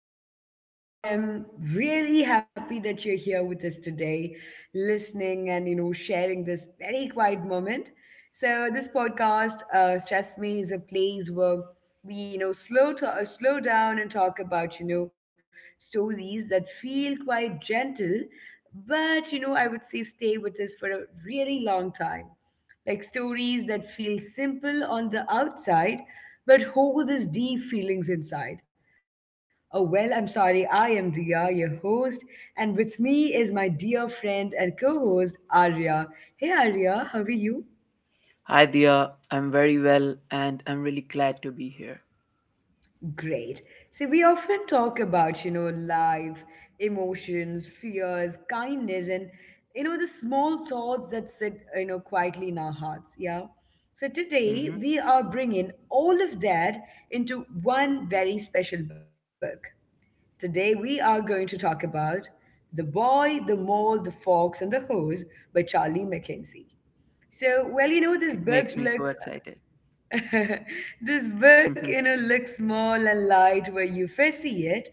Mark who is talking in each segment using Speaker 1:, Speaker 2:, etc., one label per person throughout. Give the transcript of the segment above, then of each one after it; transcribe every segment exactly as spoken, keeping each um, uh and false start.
Speaker 1: welcome. I am really happy that you're here with us today, listening and you know sharing this very quiet moment. So, this podcast, uh, trust me, is a place where we you know slow to uh, slow down and talk about you know stories that feel quite gentle, but you know I would say stay with us for a really long time. Like stories that feel simple on the outside, but hold these deep feelings inside. Oh, well, I'm sorry, I am Dia, your host, and with me is my dear friend and co host, Arya. Hey, Arya, how are you?
Speaker 2: Hi, Dia. I'm very well and I'm really glad to be here.
Speaker 1: Great. See, we often talk about, you know, life, emotions, fears, kindness, and, you know, the small thoughts that sit, you know, quietly in our hearts. Yeah. So
Speaker 2: Hmm.
Speaker 1: today we are bringing all of that into one very special book. Today we are going to talk about The Boy, the Mole, the Fox, and the Hose by Charlie Mackenzie. So, well,
Speaker 2: It
Speaker 1: you know,
Speaker 2: makes me
Speaker 1: this
Speaker 2: so
Speaker 1: book
Speaker 2: excited.
Speaker 1: looks this
Speaker 2: Hmm.
Speaker 1: book, you know, looks small and light where you first see it,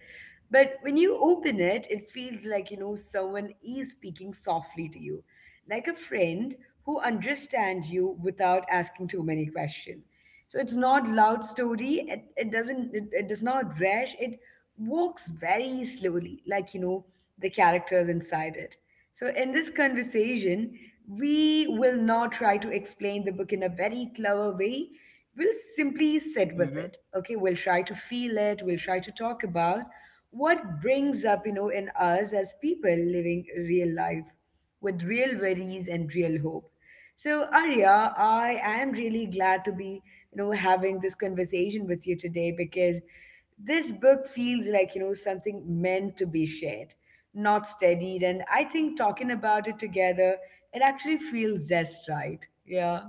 Speaker 1: but when you open it, it feels like, you know, someone is speaking softly to you, like a friend who understands you without asking too many questions. So it's not loud story. It, it doesn't it, it does not rush. It walks very slowly, like you know, the characters inside it. So in this conversation, we will not try to explain the book in a very clever way. We'll simply sit
Speaker 2: Hmm.
Speaker 1: with it. Okay, we'll try to feel it, we'll try to talk about what brings up, you know, in us as people living real life with real worries and real hope. So, Arya, I am really glad to be, you know, having this conversation with you today because this book feels like, you know, something meant to be shared, not studied. And I think talking about it together, it actually feels just right. Yeah.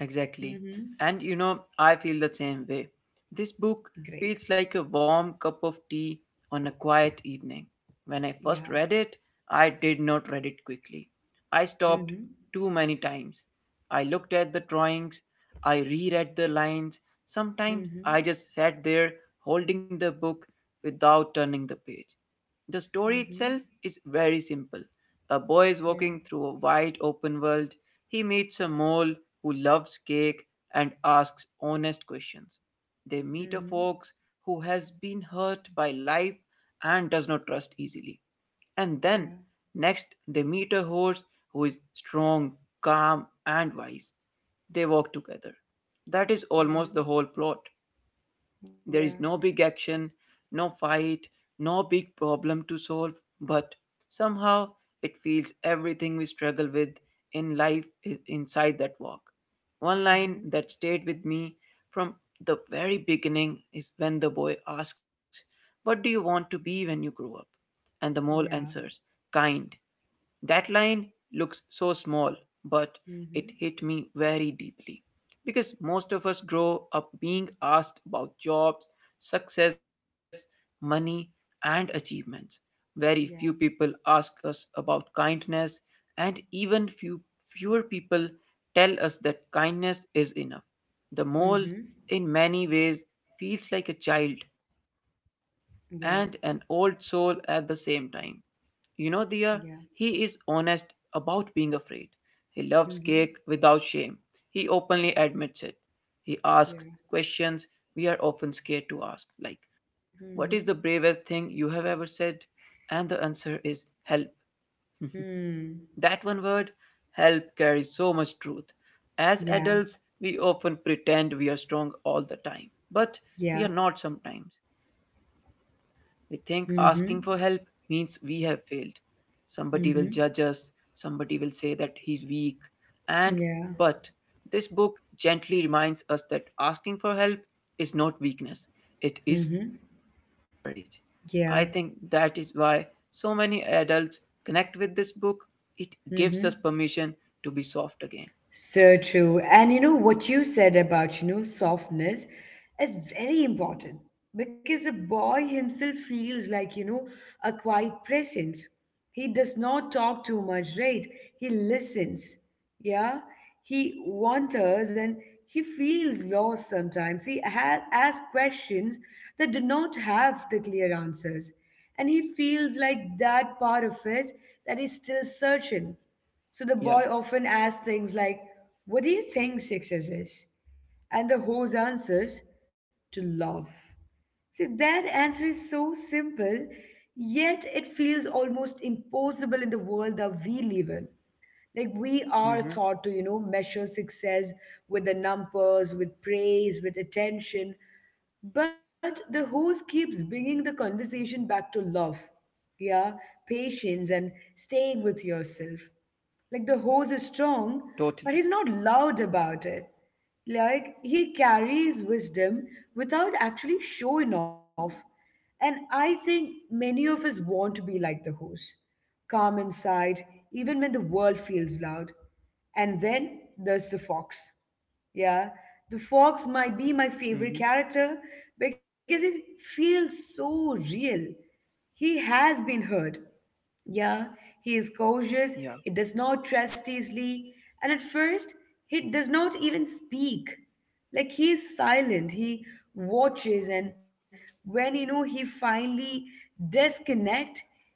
Speaker 2: Exactly.
Speaker 1: Mm-hmm.
Speaker 2: And you know, I feel the same way. This book
Speaker 1: Great.
Speaker 2: feels like a warm cup of tea on a quiet evening. When I first
Speaker 1: Yeah.
Speaker 2: read it, I did not read it quickly. I stopped
Speaker 1: Mm-hmm.
Speaker 2: too many times. I looked at the drawings, I reread the lines. Sometimes
Speaker 1: Mm-hmm.
Speaker 2: I just sat there holding the book without turning the page. The story
Speaker 1: Mm-hmm.
Speaker 2: itself is very simple. A boy is
Speaker 1: Yeah.
Speaker 2: walking through a wide open world. He meets a mole who loves cake and asks honest questions. They meet a
Speaker 1: Mm-hmm.
Speaker 2: fox who has been hurt by life and does not trust easily. And then,
Speaker 1: Yeah.
Speaker 2: next, they meet a horse who is strong, calm, and wise. They walk together. That is almost the
Speaker 1: Mm-hmm.
Speaker 2: whole plot.
Speaker 1: Yeah.
Speaker 2: There is no big action, no fight, no big problem to solve, but somehow it feels everything we struggle with in life is inside that walk. One line
Speaker 1: Mm-hmm.
Speaker 2: that stayed with me from the very beginning is when the boy asks, "What do you want to be when you grow up?" And the mole
Speaker 1: Yeah.
Speaker 2: answers, "Kind." That line looks so small, but it
Speaker 1: Mm-hmm.
Speaker 2: hit me very deeply because most of us grow up being asked about jobs, success, money, and achievements. Very few people
Speaker 1: Yeah.
Speaker 2: ask us about kindness, and even few, fewer people tell us that kindness is enough. The mole,
Speaker 1: Mhm.
Speaker 2: in many ways, feels like a child and
Speaker 1: Yeah.
Speaker 2: an old soul at the same time. You know, Dia,
Speaker 1: Yeah.
Speaker 2: he is honest about being afraid. He loves cake
Speaker 1: Mhm.
Speaker 2: without shame. He openly admits it. He asks
Speaker 1: Yeah.
Speaker 2: questions we are often scared to ask, like, "What
Speaker 1: Mhm.
Speaker 2: is the bravest thing you have ever said?" And the answer is help.
Speaker 1: Hmm.
Speaker 2: That one word, help, carries so much truth.
Speaker 1: Yeah.
Speaker 2: As adults, we often pretend we are strong all the time,
Speaker 1: Yeah.
Speaker 2: but we are not sometimes. We think asking
Speaker 1: Mhm.
Speaker 2: for help means we have failed. Somebody will
Speaker 1: Mhm.
Speaker 2: judge us, somebody will say that he's weak. And
Speaker 1: Yeah.
Speaker 2: but this book gently reminds us that asking for help is not weakness, it
Speaker 1: Mhm.
Speaker 2: is courage. I think
Speaker 1: Yeah.
Speaker 2: that is why so many adults connect with this book. It gives us
Speaker 1: Mhm.
Speaker 2: permission to be soft again.
Speaker 1: So true. And you know what you said about, you know, softness is very important because the boy himself feels like, you know, a quiet presence. He does not talk too much, right? He listens. Yeah. He wonders and he feels lost sometimes. He ha- asks questions that do not have the clear answers. And he feels like that part of us that is still searching. So the boy often asks
Speaker 2: Yeah.
Speaker 1: things like, What do you think success is? And the host answers, To love. See, that answer is so simple, yet it feels almost impossible in the world that we live in. Like we are taught to, you know,
Speaker 2: Mm-hmm.
Speaker 1: measure success with the numbers, with praise, with attention. But the host keeps bringing the conversation back to love, yeah, patience, and staying with yourself. Like the hose is strong,
Speaker 2: Totally.
Speaker 1: but he's not loud about it. Like he carries wisdom without actually showing off. And I think many of us want to be like the hose, calm inside, even when the world feels loud. And then there's the fox. Yeah, the fox might be my favorite
Speaker 2: Mm-hmm.
Speaker 1: character because it feels so real. He has been hurt. Yeah, he is
Speaker 2: Yeah.
Speaker 1: cautious, he does not trust easily, and at first, he does not even speak. Like he is silent, he watches, and when you know he finally disconnect,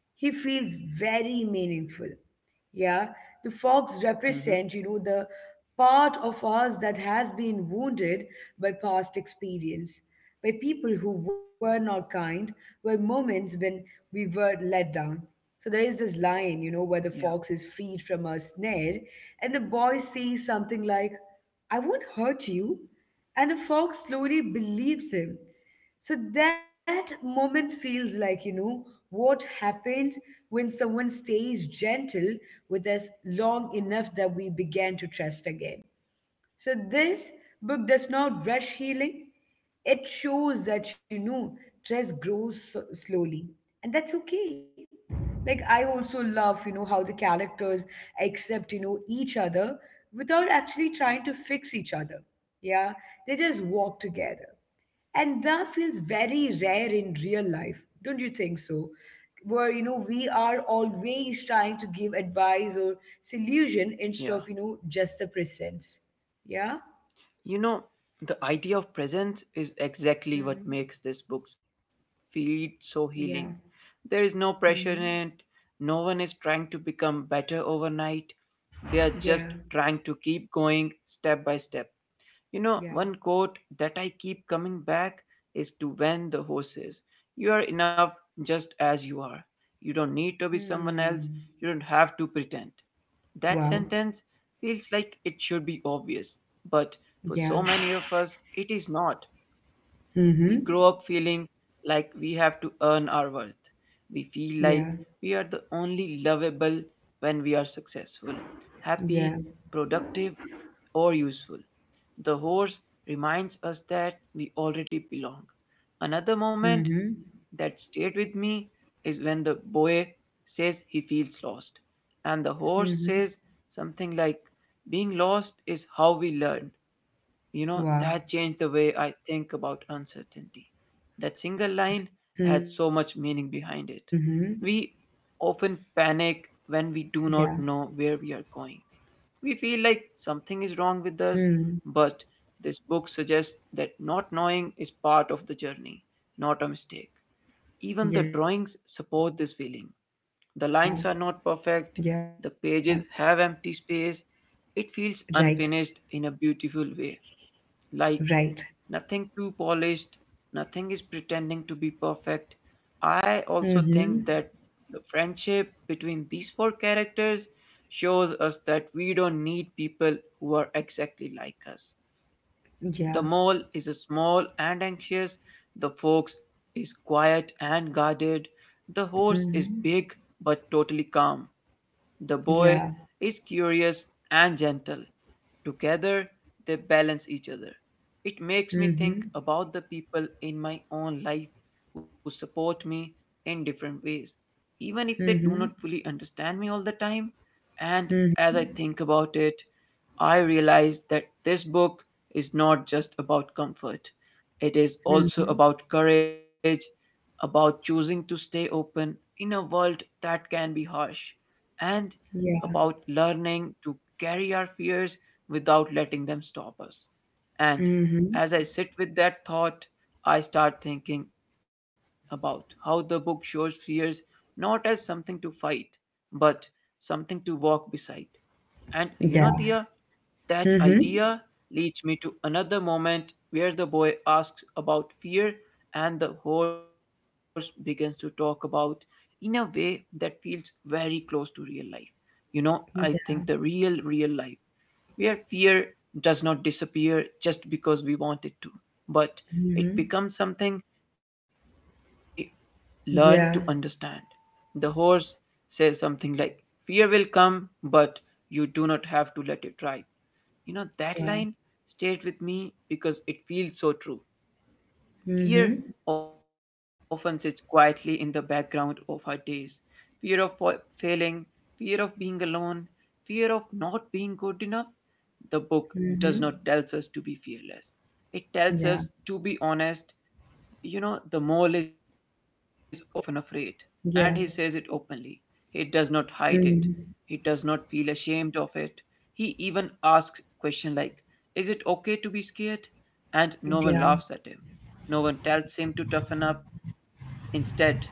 Speaker 1: he feels very meaningful. Yeah, the fox
Speaker 2: Mm-hmm.
Speaker 1: represent, you know, the part of us that has been wounded by past experience, by people who were not kind, by moments when we were let down. So there is this line, you know, where
Speaker 2: Yeah.
Speaker 1: the fox is freed from a snare, and the boy says something like, I won't hurt you. And the fox slowly believes him. So that moment feels like, you know, what happened when someone stays gentle with us long enough that we began to trust again. So this book does not rush healing. It shows that, you know, trust grows so slowly. And that's okay. Like, I also
Speaker 2: Yeah.
Speaker 1: love, you know, how the characters accept, you know, each other without actually trying to fix each other. Yeah, they just walk together,
Speaker 2: Mm-hmm.
Speaker 1: and that feels very rare in real life, don't you think so, where you know we are always trying to give advice or solution instead of you
Speaker 2: Yeah.
Speaker 1: know just the presence, yeah.
Speaker 2: You know, the idea of presence is exactly
Speaker 1: Mm-hmm.
Speaker 2: what makes this book feel so
Speaker 1: Yeah.
Speaker 2: healing. There is no pressure
Speaker 1: Mm-hmm.
Speaker 2: in it, no one is trying to become better overnight. They are
Speaker 1: Yeah.
Speaker 2: just trying to keep going step by step. You know, one
Speaker 1: Yeah.
Speaker 2: quote that I keep coming back is to when the horses. You are enough just as you are. You don't need to be someone else. You
Speaker 1: Hmm.
Speaker 2: don't have to pretend. That
Speaker 1: Wow.
Speaker 2: sentence feels like it should be obvious, but for so
Speaker 1: Yeah.
Speaker 2: many of us, it is not. We
Speaker 1: Mm-hmm.
Speaker 2: grow up feeling like we have to earn our worth. We feel like
Speaker 1: Yeah.
Speaker 2: we are the only lovable when we are successful, happy,
Speaker 1: Yeah.
Speaker 2: productive, or useful. The horse reminds us that we already belong. Another moment
Speaker 1: Mm-hmm.
Speaker 2: that stayed with me is when the boy says he feels lost, and the horse
Speaker 1: Mm-hmm.
Speaker 2: says something like, "Being lost is how we learn." You know,
Speaker 1: Wow.
Speaker 2: that changed the way I think about uncertainty. That single line
Speaker 1: Mm-hmm.
Speaker 2: had so much meaning behind it. We
Speaker 1: Yeah.
Speaker 2: often panic when we do not know where we are going. We feel like
Speaker 1: Hmm.
Speaker 2: something is wrong with us, but this book suggests that not knowing is part of the journey, not a mistake.
Speaker 1: Yeah.
Speaker 2: Even the
Speaker 1: Yeah.
Speaker 2: drawings support this feeling. The lines are not perfect, the pages have empty space. It feels
Speaker 1: Right,
Speaker 2: unfinished in a beautiful way, like
Speaker 1: right.
Speaker 2: nothing too polished, nothing is pretending to be perfect. I also think that
Speaker 1: Mm-hmm.
Speaker 2: the friendship between these four characters shows us that we don't need people who are exactly like us. The
Speaker 1: Yeah.
Speaker 2: mole is small and anxious, the fox is quiet and guarded, the horse is
Speaker 1: Mhm.
Speaker 2: big but totally calm, the boy
Speaker 1: Yeah.
Speaker 2: is curious and gentle. Together, they balance each other. It makes me think
Speaker 1: Mhm.
Speaker 2: about the people in my own life who support me in different ways, even if they do not fully
Speaker 1: Mhm.
Speaker 2: understand me all the time. And as
Speaker 1: Mhm.
Speaker 2: I think about it, I realize that this book is not just about comfort, it is also
Speaker 1: Mhm.
Speaker 2: about courage, about choosing to stay open in a world that can be harsh, and
Speaker 1: Yeah.
Speaker 2: about learning to carry our fears without letting them stop us. And
Speaker 1: Mhm.
Speaker 2: as I sit with that thought, I start thinking about how the book shows fears not as something to fight, but something to walk beside. And
Speaker 1: Yeah.
Speaker 2: you know, Dia, that
Speaker 1: Mhm.
Speaker 2: idea leads me to another moment where the boy asks about fear and the horse begins to talk about in a way that feels very close to real life. You know,
Speaker 1: Yeah.
Speaker 2: I think the real, real life where fear does not disappear just because we want it to, but
Speaker 1: Mhm.
Speaker 2: it becomes something we learn
Speaker 1: Yeah.
Speaker 2: to understand. The horse says something like, "Fear will come, but you do not have to let it drive." You know,
Speaker 1: Wow.
Speaker 2: that line stayed with me because it feels so true.
Speaker 1: Mhm.
Speaker 2: Fear often sits quietly in the background of our days. Fear of fa- failing, fear of being alone, fear of not being good enough. The book
Speaker 1: Mhm.
Speaker 2: does not tell us to be fearless. It
Speaker 1: Yeah.
Speaker 2: tells us to be honest. You know, the mole is often afraid, and he
Speaker 1: Yeah.
Speaker 2: says it openly. He does not hide it.
Speaker 1: Mhm.
Speaker 2: He does not feel ashamed of it. He even asks questions like, "Is it okay to be scared?" And no one
Speaker 1: Yeah.
Speaker 2: laughs at him. No one tells him to toughen up. Instead,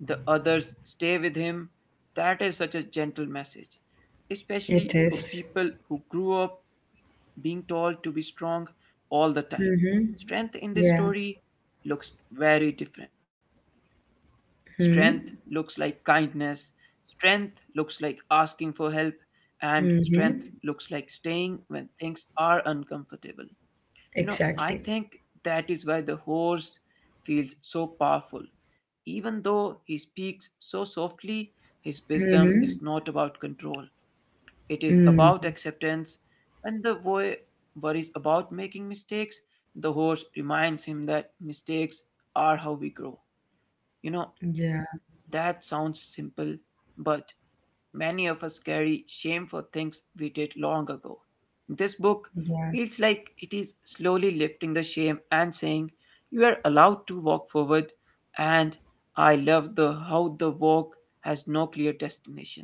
Speaker 2: the others stay with him. That is such a gentle message, especially
Speaker 1: It
Speaker 2: for
Speaker 1: is.
Speaker 2: people who grew up being told to be strong all the time.
Speaker 1: Mhm.
Speaker 2: Strength in this
Speaker 1: Yeah.
Speaker 2: story looks very different. Strength
Speaker 1: Mhm.
Speaker 2: looks like kindness, strength looks like asking for help, and strength
Speaker 1: Mhm.
Speaker 2: looks like staying when things are uncomfortable. You know, I think
Speaker 1: Exactly.
Speaker 2: that is why the horse feels so powerful. Even though he speaks so softly, his wisdom is
Speaker 1: Mhm.
Speaker 2: not about control. It is about
Speaker 1: Mm.
Speaker 2: acceptance. When the boy worries about making mistakes, the horse reminds him that mistakes are how we grow. You know, that
Speaker 1: Yeah.
Speaker 2: sounds simple, but many of us carry shame for things we did long ago. This book feels like
Speaker 1: Yeah.
Speaker 2: it is slowly lifting the shame and saying, "You are allowed to walk forward," and I love the how the walk has no clear destination.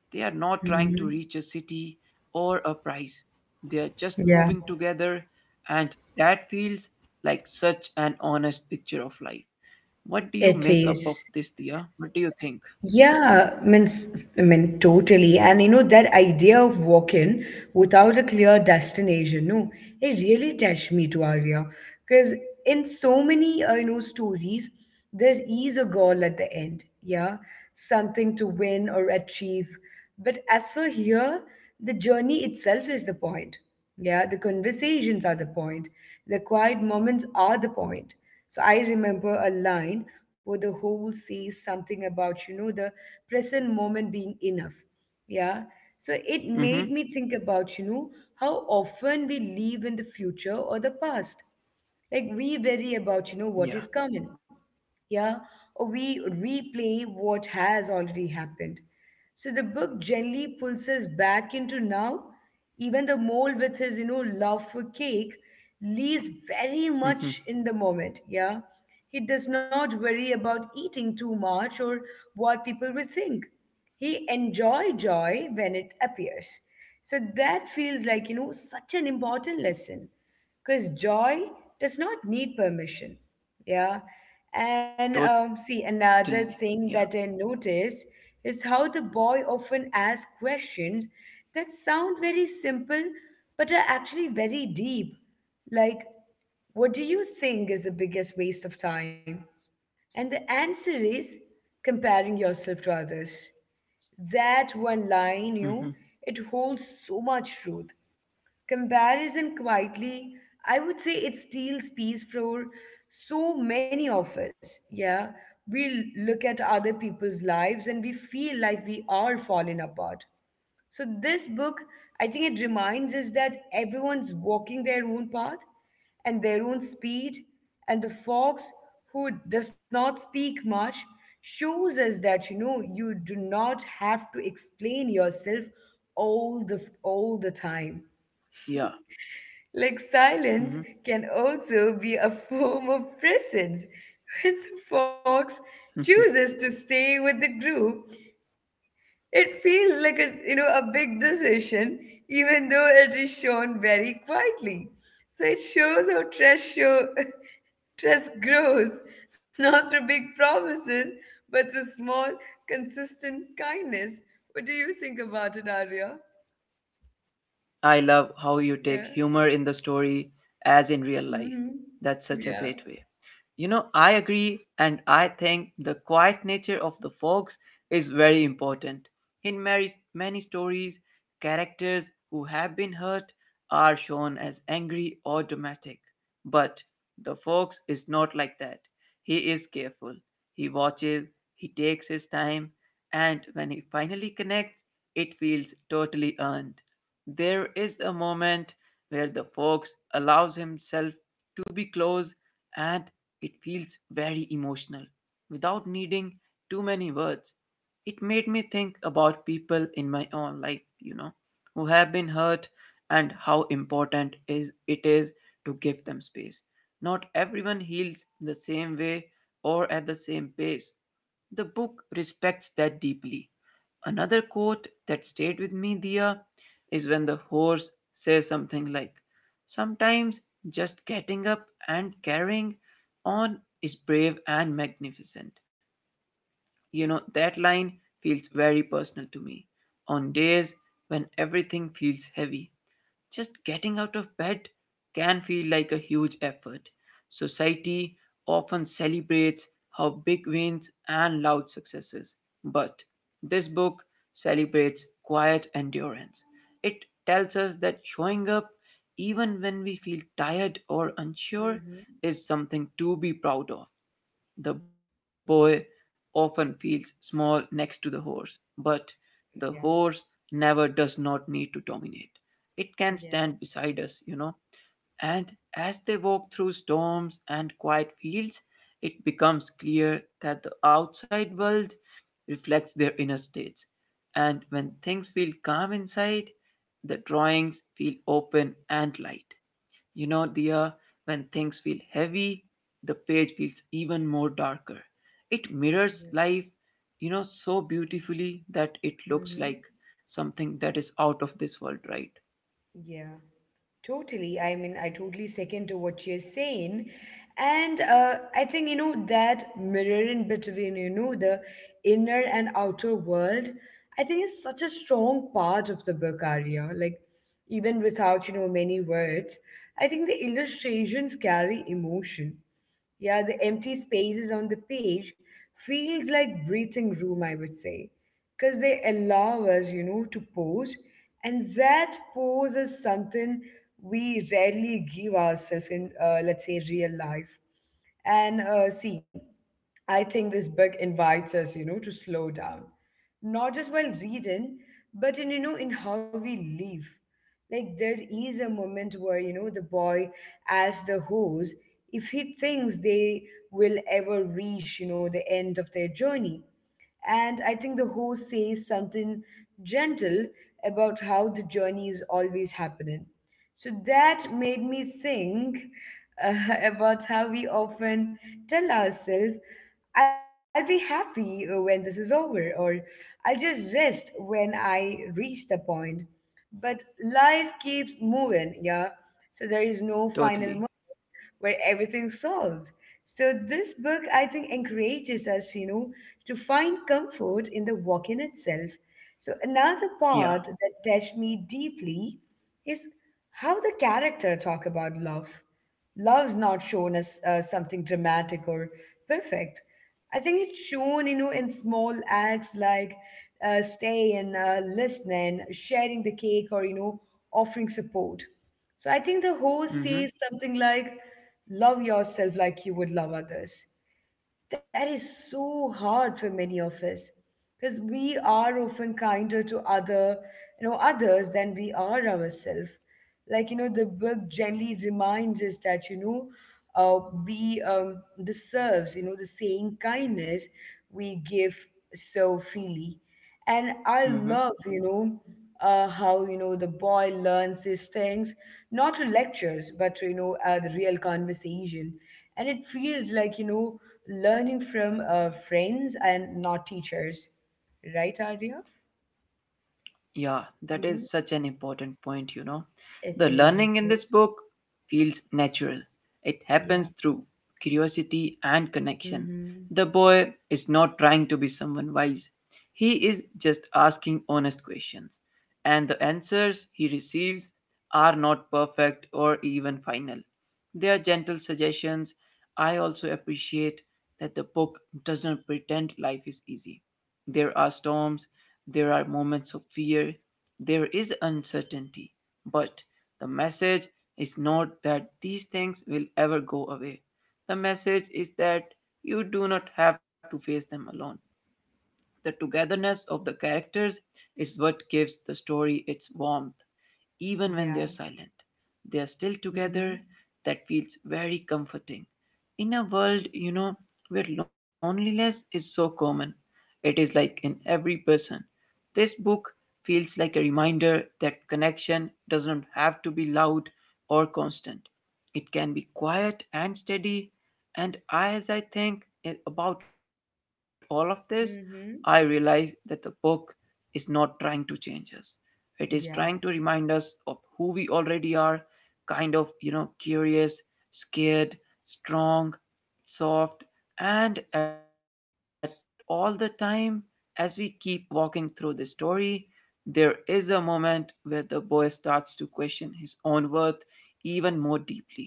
Speaker 2: They are not trying to reach
Speaker 1: Mhm.
Speaker 2: a city or a prize. They are just moving
Speaker 1: Yeah.
Speaker 2: together, and that feels like such an honest picture of life. What do you
Speaker 1: It
Speaker 2: make up of
Speaker 1: is.
Speaker 2: this, Dia? What do you think?
Speaker 1: Yeah, means I mean, totally. And you know that idea of walking without a clear destination, no, it really touched me to Arya. Because in so many uh, you know stories, there is a goal at the end. Yeah, something to win or achieve. But as for here, the journey itself is the point. Yeah, the conversations are the point. The quiet moments are the point. So I remember a line where the whole says something about, you know, the present moment being enough. Yeah. So it made
Speaker 2: Mm-hmm.
Speaker 1: me think about, you know, how often we live in the future or the past. Like we worry about, you know, what is
Speaker 2: Yeah.
Speaker 1: coming, yeah, or we replay what has already happened. So the book gently pulls us back into now. Even the mole with his, you know, love for cake lives very
Speaker 2: Mm-hmm.
Speaker 1: much in the moment, yeah. He does not worry about eating too much or what people will think. He enjoy joy when it appears. So that feels like, you know, such an important lesson because joy does not need permission, yeah. And um, see,
Speaker 2: Totally. Yeah.
Speaker 1: another thing that I noticed is how the boy often asks questions that sound very simple but are actually very deep. Like, what do you think is the biggest waste of time? And the answer is, comparing yourself to others. That one line, you
Speaker 2: Mm-hmm.
Speaker 1: know, it holds so much truth. Comparison quietly, I would say, it steals peace for so many of us. Yeah, we l- look at other people's lives and we feel like we are falling apart. So, this book, I think it reminds us that everyone's walking their own path and their own speed, and the fox, who does not speak much, shows us that you know you do not have to explain yourself all the all the time.
Speaker 2: Yeah.
Speaker 1: Like
Speaker 2: Mm-hmm.
Speaker 1: silence can also be a form of presence. When the fox
Speaker 2: Mm-hmm.
Speaker 1: chooses to stay with the group, it feels like a you know a big decision, even though it is shown very quietly. So it shows how trust show trust grows, not through big promises, but through small, consistent kindness. What do you think about it, Arya?
Speaker 2: I love how you take
Speaker 1: Yeah.
Speaker 2: humor in the story as in real life.
Speaker 1: Hmm.
Speaker 2: That's such a
Speaker 1: Yeah.
Speaker 2: great way. You know, I agree, and I think the quiet nature of the fox is very important. In many, many stories, characters who have been hurt are shown as angry or dramatic. But the fox is not like that. He is careful. He watches, he takes his time, and when he finally connects, it feels totally earned. There is a moment where the fox allows himself to be close and it feels very emotional without needing too many words. It made me think about people in my own life, you know, who have been hurt and how important is it is to give them space. Not everyone heals the same way or at the same pace. The book respects that deeply. Another quote that stayed with me, Dia, is when the horse says something like, "Sometimes just getting up and carrying on is brave and magnificent." You know, that line feels very personal to me. On days when everything feels heavy, just getting out of bed can feel like a huge effort. Society often celebrates our big wins and loud successes, but this book celebrates quiet endurance. It tells us that showing up, even when we feel tired or unsure,
Speaker 1: Hmm.
Speaker 2: is something to be proud of. The boy often feels small next to the horse, but the
Speaker 1: Yeah.
Speaker 2: horse never does not need to dominate. It can stand
Speaker 1: Yeah.
Speaker 2: beside us, you know. And as they walk through storms and quiet fields, it becomes clear that the outside world reflects their inner states. And when things feel calm inside, the drawings feel open and light. You know, Dia, when things feel heavy, the page feels even more darker. It mirrors
Speaker 1: Yeah.
Speaker 2: life, you know, so beautifully that it looks
Speaker 1: Mm-hmm.
Speaker 2: like something that is out of this world, right?
Speaker 1: Yeah. Totally. I mean, I totally second to what you're saying. And uh, I think, you know, that mirroring between, you know, the inner and outer world, I think is such a strong part of the book, Arya. Like, even without, you know, many words, I think the illustrations carry emotion. Yeah, the empty spaces on the page feels like breathing room, I would say, because they allow us, you know, to pause, and that pause is something we rarely give ourselves in, uh, let's say, real life. And uh, see, I think this book invites us, you know, to slow down, not just while reading, but in, you know, in how we live. Like there is a moment where you know the boy asks the horse if he thinks they will ever reach you know the end of their journey, and I think the horse says something gentle about how the journey is always happening. So that made me think uh, about how we often tell ourselves, I'll be happy when this is over, or I'll just rest when I reach the point. But life keeps moving, yeah. So there is no final
Speaker 2: Totally.
Speaker 1: where everything's solved. So this book, I think, encourages us, you know, to find comfort in the walk in itself. So another
Speaker 2: Yeah.
Speaker 1: part that touched me deeply is how the character talk about love. Love's not shown as uh, something dramatic or perfect. I think it's shown, you know, in small acts like uh, staying, uh, listening, sharing the cake, or you know, offering support. So I think the host
Speaker 2: Mm-hmm.
Speaker 1: says something like, Love yourself like you would love others. That is so hard for many of us because we are often kinder to other, you know, others than we are ourselves. Like you know the book gently reminds us that you know uh, we um, deserves you know the same kindness we give so freely. And I
Speaker 2: Mm-hmm.
Speaker 1: love you know uh, how you know the boy learns these things, not through lectures but to you know uh, the real conversation. And it feels like you know learning from uh, friends and not teachers, right, Arya?
Speaker 2: Yeah, that is
Speaker 1: Mhm.
Speaker 2: such an important point, you know. The
Speaker 1: it is it
Speaker 2: learning in this
Speaker 1: is
Speaker 2: book feels natural. It happens
Speaker 1: Yeah.
Speaker 2: through curiosity and connection.
Speaker 1: Mm-hmm.
Speaker 2: The boy is not trying to be someone wise. He is just asking honest questions. And the answers he receives are not perfect or even final. They are gentle suggestions. I also appreciate that the book does not pretend life is easy. There are storms, there are moments of fear. There is uncertainty. But the message is not that these things will ever go away. The message is that you do not have to face them alone. The togetherness of the characters is what gives the story its warmth. Even
Speaker 1: Yeah.
Speaker 2: when they're silent, they are still
Speaker 1: Mhm.
Speaker 2: together. That feels very comforting. In a world, you know, where loneliness is so common, it is like in every person. This book feels like a reminder that connection does not have to be loud or constant. It can be quiet and steady. And as I think i- about all of this,
Speaker 1: Mhm.
Speaker 2: I realize that the book is not trying to change us. It is
Speaker 1: Yeah.
Speaker 2: trying to remind us of who we already are, kind of, you know, curious, scared, strong, soft, and at all the time, as we keep walking through the story, there is a moment where the boy starts to question his own worth even more deeply,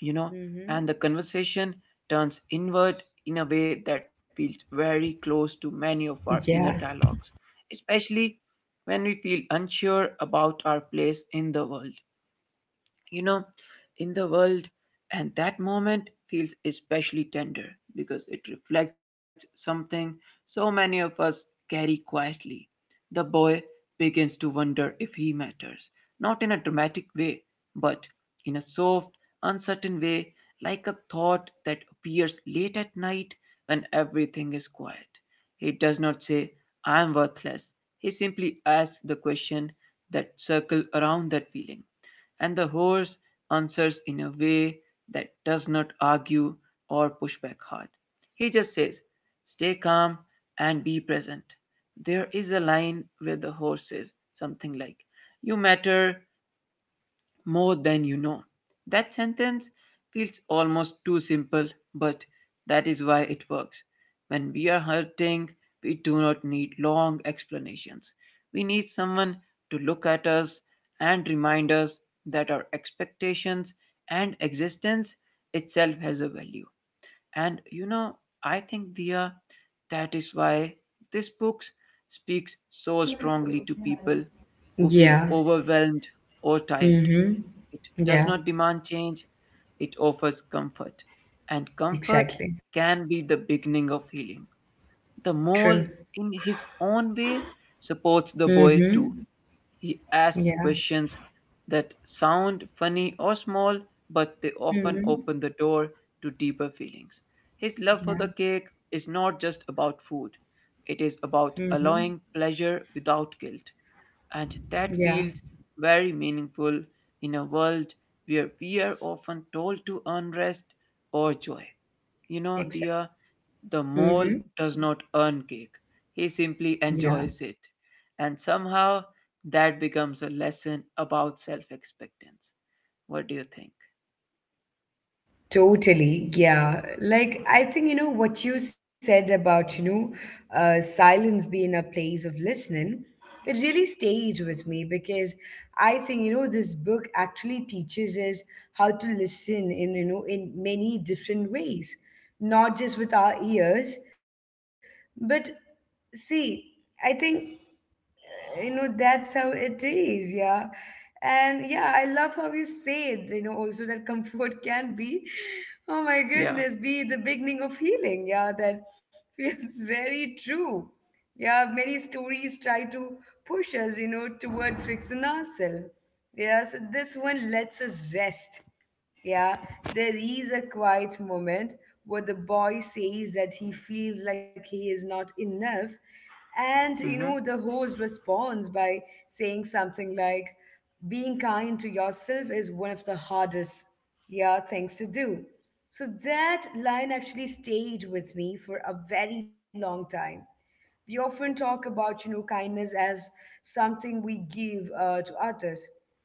Speaker 2: you know, and the
Speaker 1: Mhm.
Speaker 2: conversation turns inward in a way that feels very close to many of our
Speaker 1: Yeah.
Speaker 2: inner dialogues, especially when we feel unsure about our place in the world, you know, in the world. And that moment feels especially tender because it reflects something so many of us carry quietly. The boy begins to wonder if he matters, not in a dramatic way, but in a soft, uncertain way, like a thought that appears late at night when everything is quiet. He does not say, "I am worthless." He simply asks the question that circle around that feeling, and the horse answers in a way that does not argue or push back hard. He just says, "Stay calm and be present." There is a line where the horse says something like, "You matter, more than you know." That sentence feels almost too simple, but that is why it works. When we are hurting, we do not need long explanations. We need someone to look at us and remind us that our expectations and existence itself has a value. And you know, I think, Dia, that is why this book speaks so strongly to people who feel
Speaker 1: Yeah.
Speaker 2: overwhelmed or tired.
Speaker 1: Mhm.
Speaker 2: It does
Speaker 1: Yeah.
Speaker 2: not demand change, it offers comfort. And comfort
Speaker 1: Exactly.
Speaker 2: can be the beginning of healing. The
Speaker 1: True.
Speaker 2: mole, in his own way, supports the boy
Speaker 1: Mhm.
Speaker 2: too. He
Speaker 1: Yeah.
Speaker 2: asks questions that sound funny or small, but they often
Speaker 1: Mhm.
Speaker 2: open the door to deeper feelings. His love for
Speaker 1: Yeah.
Speaker 2: the cake is not just about food, it is about
Speaker 1: Mhm.
Speaker 2: allowing pleasure without guilt. And that
Speaker 1: Yeah.
Speaker 2: feels very meaningful in a world where we are often told to earn rest or joy. You know, the,
Speaker 1: Exactly.
Speaker 2: uh, the mole
Speaker 1: Mhm.
Speaker 2: does not earn cake, he simply
Speaker 1: Yeah.
Speaker 2: enjoys it. And somehow that becomes a lesson about self expectance. What do you think?
Speaker 1: Totally, yeah. Like I think, you know what you said about you know uh, silence being a place of listening. It really stayed with me because I think you know this book actually teaches us how to listen, in you know in many different ways, not just with our ears, but see, I think you know that's how it is. Yeah. And yeah, I love how you said, you know also, that comfort can be, oh my
Speaker 2: Yeah.
Speaker 1: goodness, be the beginning of healing. Yeah, that feels very true. Yeah, many stories try to push us, you know toward fixing ourselves. Yes, this one lets us rest. Yeah, there is a quiet moment where the boy says that he feels like he is not enough. And, you
Speaker 2: Mm hmm.
Speaker 1: know, the host responds by saying something like, being kind to yourself is one of the hardest, yeah, things to do. So that line actually stayed with me for a very long time. We often talk about, you know, kindness as something we give, uh, to others.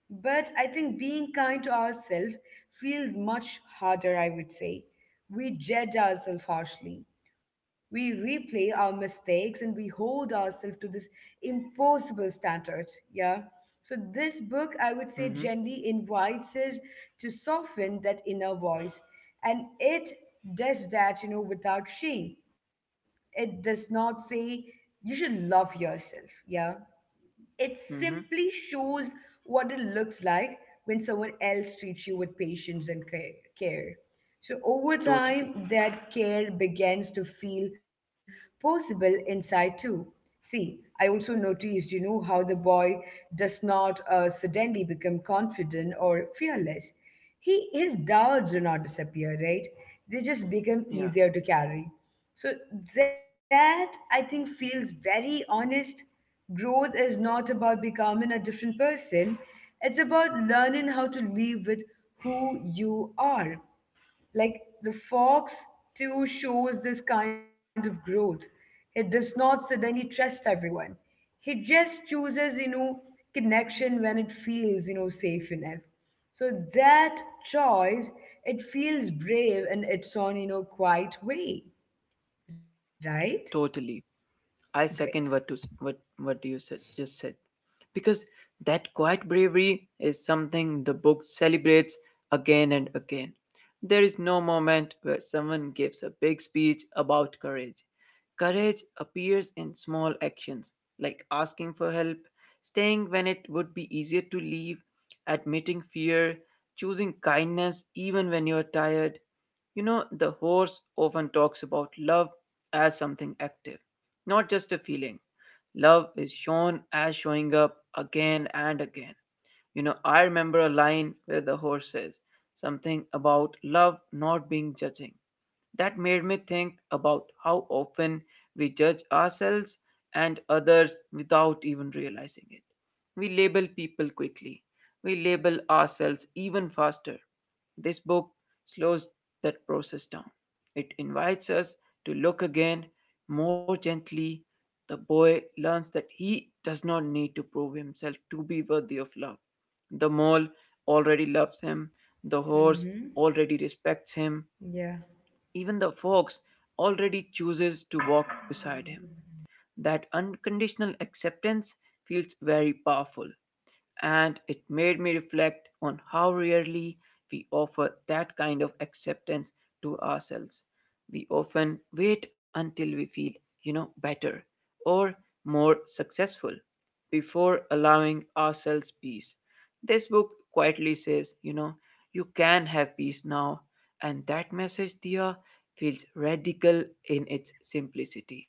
Speaker 1: But I think being kind to ourselves feels much harder, I would say. We judge ourselves harshly. We replay our mistakes and we hold ourselves to this impossible standards. Yeah. So this book, I would say,
Speaker 2: Mm hmm.
Speaker 1: gently invites us to soften that inner voice. And it does that, you know, without shame. It does not say you should love yourself. Yeah. It
Speaker 2: Mm
Speaker 1: simply
Speaker 2: hmm.
Speaker 1: shows what it looks like when someone else treats you with patience and ca- care. So over
Speaker 2: Totally.
Speaker 1: time, that care begins to feel possible inside too. See, I also noticed, you know, how the boy does not uh, suddenly become confident or fearless. He his doubts do not disappear, right? They just become
Speaker 2: Yeah.
Speaker 1: easier to carry. So that, I think, feels very honest. Growth is not about becoming a different person, it's about learning how to live with who you are. Like the fox, too, shows this kind of growth. He does not suddenly trust everyone, he just chooses, you know, connection when it feels, you know, safe enough. So that choice, it feels brave in its own, you know, quiet way, right?
Speaker 2: Totally. I
Speaker 1: Great.
Speaker 2: second what to, what what you said, just said, because that quiet bravery is something the book celebrates again and again. There is no moment where someone gives a big speech about courage. Courage appears in small actions like asking for help, staying when it would be easier to leave, admitting fear, choosing kindness even when you're tired. You know, the horse often talks about love as something active, not just a feeling. Love is shown as showing up again and again. You know, I remember a line where the horse says something about love not being judging. That made me think about how often we judge ourselves and others without even realizing it. We label people quickly. We label ourselves even faster. This book slows that process down. It invites us to look again more gently. The boy learns that he does not need to prove himself to be worthy of love. The mole already loves him. The horse
Speaker 1: Mm-hmm.
Speaker 2: already respects him.
Speaker 1: Yeah.
Speaker 2: Even the fox already chooses to walk beside him. That unconditional acceptance feels very powerful, and it made me reflect on how rarely we offer that kind of acceptance to ourselves. We often wait until we feel, you know, better or more successful before allowing ourselves peace. This book quietly says, you know, you can have peace now, and that message, Dia, feels radical in its simplicity.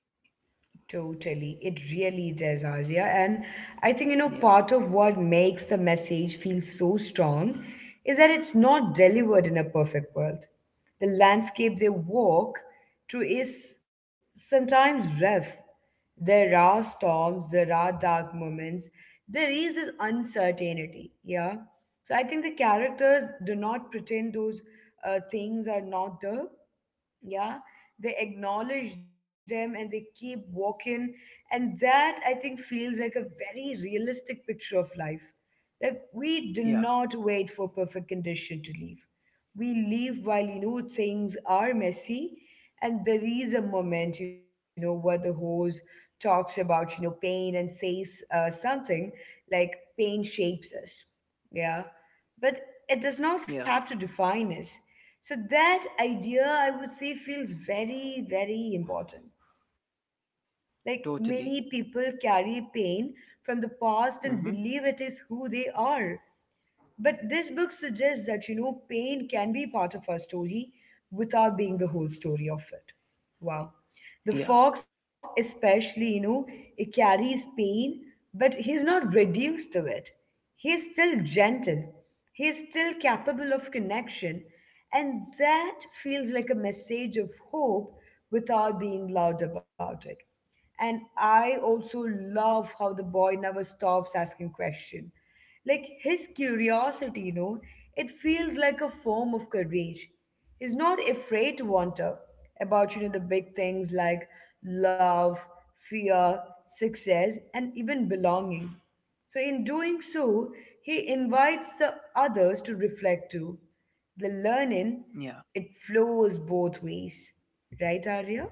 Speaker 1: Totally. It really does, Azia. And I think, you know,
Speaker 2: Yeah,
Speaker 1: part of what makes the message feel so strong is that it's not delivered in a perfect world. The landscape they walk through is sometimes rough. There are storms, there are dark moments, there is this uncertainty. Yeah. So I think the characters do not pretend those uh, things are not there. Yeah, they acknowledge them and they keep walking, and that, I think, feels like a very realistic picture of life. Like, we do
Speaker 2: yeah.
Speaker 1: not wait for perfect condition to leave, we leave while, you know things are messy. And there is a moment, you know where the hose talks about, you know pain, and says uh, something like, pain shapes us. Yeah, but it does
Speaker 2: Yeah,
Speaker 1: not have to define us. So that idea, I would say, feels very, very important. Like, many
Speaker 2: totally.
Speaker 1: people carry pain from the past and
Speaker 2: Hmm.
Speaker 1: believe it is who they are. But this book suggests that, you know, pain can be part of our story without being the whole story of it. Wow.
Speaker 2: Yeah,
Speaker 1: The fox, especially, you know, it carries pain, but he's not reduced to it. He's still gentle. He's still capable of connection. And that feels like a message of hope without being loud about it. And I also love how the boy never stops asking questions. Like, his curiosity, you know, it feels like a form of courage. He's not afraid to wonder about, you know, the big things like love, fear, success, and even belonging. So, in doing so, he invites the others to reflect too. The learning,
Speaker 2: yeah.
Speaker 1: it flows both ways. Right, Arya?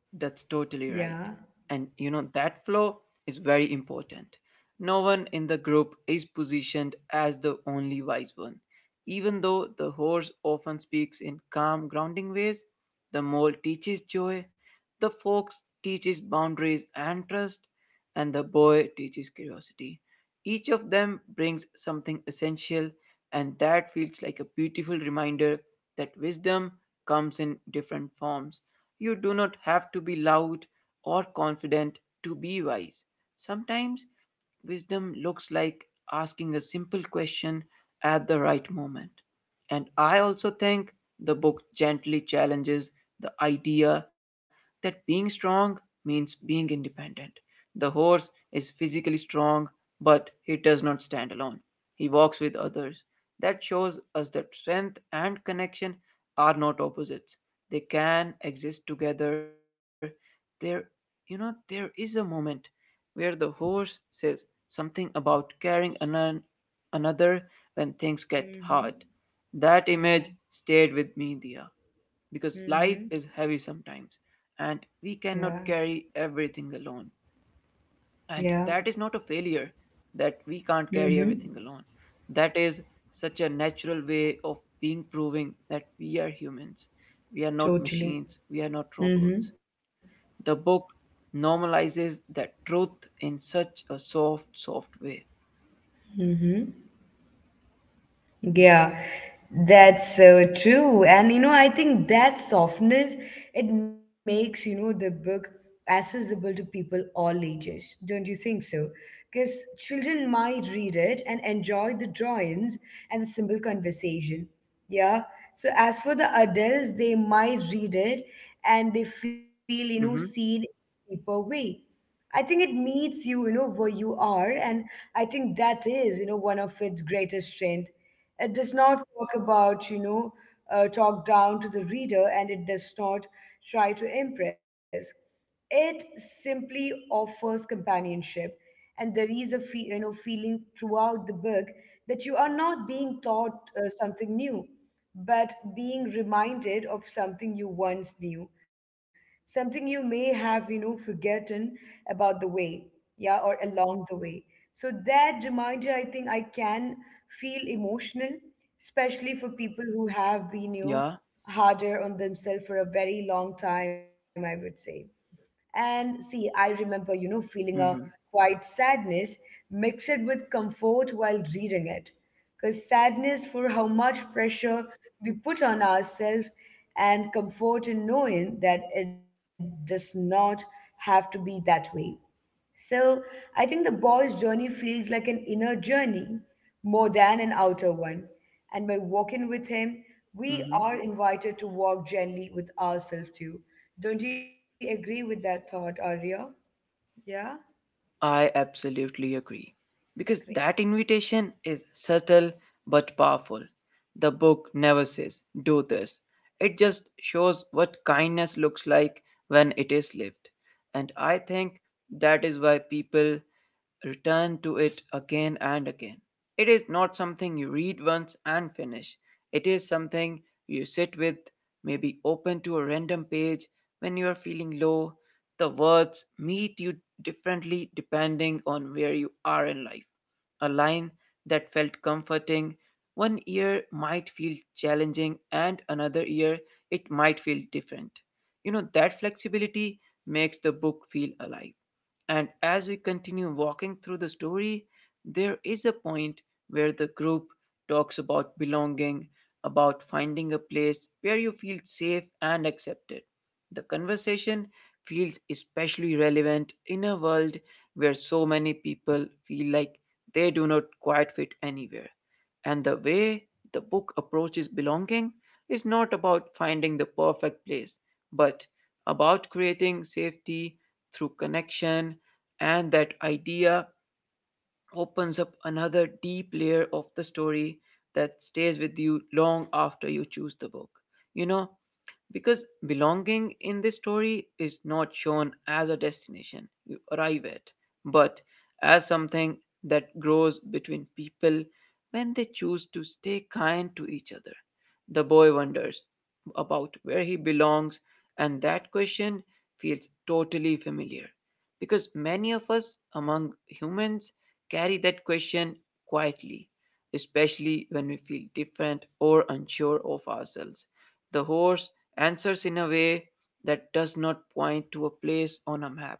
Speaker 2: That's totally right.
Speaker 1: Yeah.
Speaker 2: And you know, that flow is very important. No one in the group is positioned as the only wise one. Even though the horse often speaks in calm, grounding ways, the mole teaches joy, the fox teaches boundaries and trust, and the boy teaches curiosity. Each of them brings something essential, and that feels like a beautiful reminder that wisdom comes in different forms. You do not have to be loud or confident to be wise. Sometimes wisdom looks like asking a simple question at the right moment. And I also think the book gently challenges the idea that being strong means being independent. The horse is physically strong, but he does not stand alone. He walks with others. That shows us that strength and connection are not opposites. They can exist together. There, you know, there is a moment where the horse says something about carrying anon- another when things get
Speaker 1: Mm-hmm.
Speaker 2: hard. That
Speaker 1: Yeah.
Speaker 2: image stayed with me, Dia, because life
Speaker 1: Mm-hmm.
Speaker 2: is heavy sometimes and
Speaker 1: Yeah.
Speaker 2: we cannot carry everything alone.
Speaker 1: Yeah.
Speaker 2: And that is not a failure that we can't
Speaker 1: Mm-hmm.
Speaker 2: carry everything alone. That is such a natural way of being, proving that we are humans. We are not
Speaker 1: Totally.
Speaker 2: machines. We are not
Speaker 1: Mm-hmm.
Speaker 2: robots. The book normalizes that truth in such a soft, soft way.
Speaker 1: Mm-hmm.
Speaker 2: Yeah.
Speaker 1: Yeah, that's so true. And you know, I think that softness, it makes, you know, the book accessible to people all ages. Don't you think so? Because children might read it and enjoy the drawings and the simple conversation. Yeah. So as for the adults, they might read it and they feel, you know, seen
Speaker 2: Mm-hmm.
Speaker 1: in a deeper way. I think it meets you, you know, where you are. And I think that is, you know, one of its greatest strength. It does not talk about, you know, uh, talk down to the reader, and it does not try to impress. It simply offers companionship. And there is a fe- you know, feeling throughout the book that you are not being taught uh, something new, but being reminded of something you once knew, something you may have, you know forgotten about the way, yeah, or along the way. So that reminder, I think, I can feel emotional, especially for people who have been, you know
Speaker 2: Yeah.
Speaker 1: harder on themselves for a very long time, I would say. And see, I remember, you know,
Speaker 2: Mm-hmm.
Speaker 1: feeling a quiet sadness mixed with comfort while reading it. Because sadness for how much pressure we put on ourselves, and comfort in knowing that it does not have to be that way. So I think the boy's journey feels like an inner journey more than an outer one. And by walking with him, we
Speaker 2: Mm-hmm.
Speaker 1: are invited to walk gently with ourselves too. Don't you agree with that thought, Arya? Yeah?
Speaker 2: I absolutely agree. Because
Speaker 1: Great.
Speaker 2: that invitation is subtle but powerful. The book never says, "do this." It just shows what kindness looks like when it is lived. And I think that is why people return to it again and again. It is not something you read once and finish. It is something you sit with, maybe open to a random page when you are feeling low. The words meet you differently depending on where you are in life. A line that felt comforting one year might feel challenging, and another year it might feel different. You know, that flexibility makes the book feel alive. And as we continue walking through the story, there is a point where the group talks about belonging, about finding a place where you feel safe and accepted. The conversation feels especially relevant in a world where so many people feel like they do not quite fit anywhere. And the way the book approaches belonging is not about finding the perfect place, but about creating safety through connection. And that idea opens up another deep layer of the story that stays with you long after you choose the book. You know, because belonging in this story is not shown as a destination you arrive at, but as something that grows between people when they choose to stay kind to each other. The boy wonders about where he belongs, and that question feels totally familiar because many of us among humans carry that question quietly, especially when we feel different or unsure of ourselves. The horse answers in a way that does not point to a place on a map.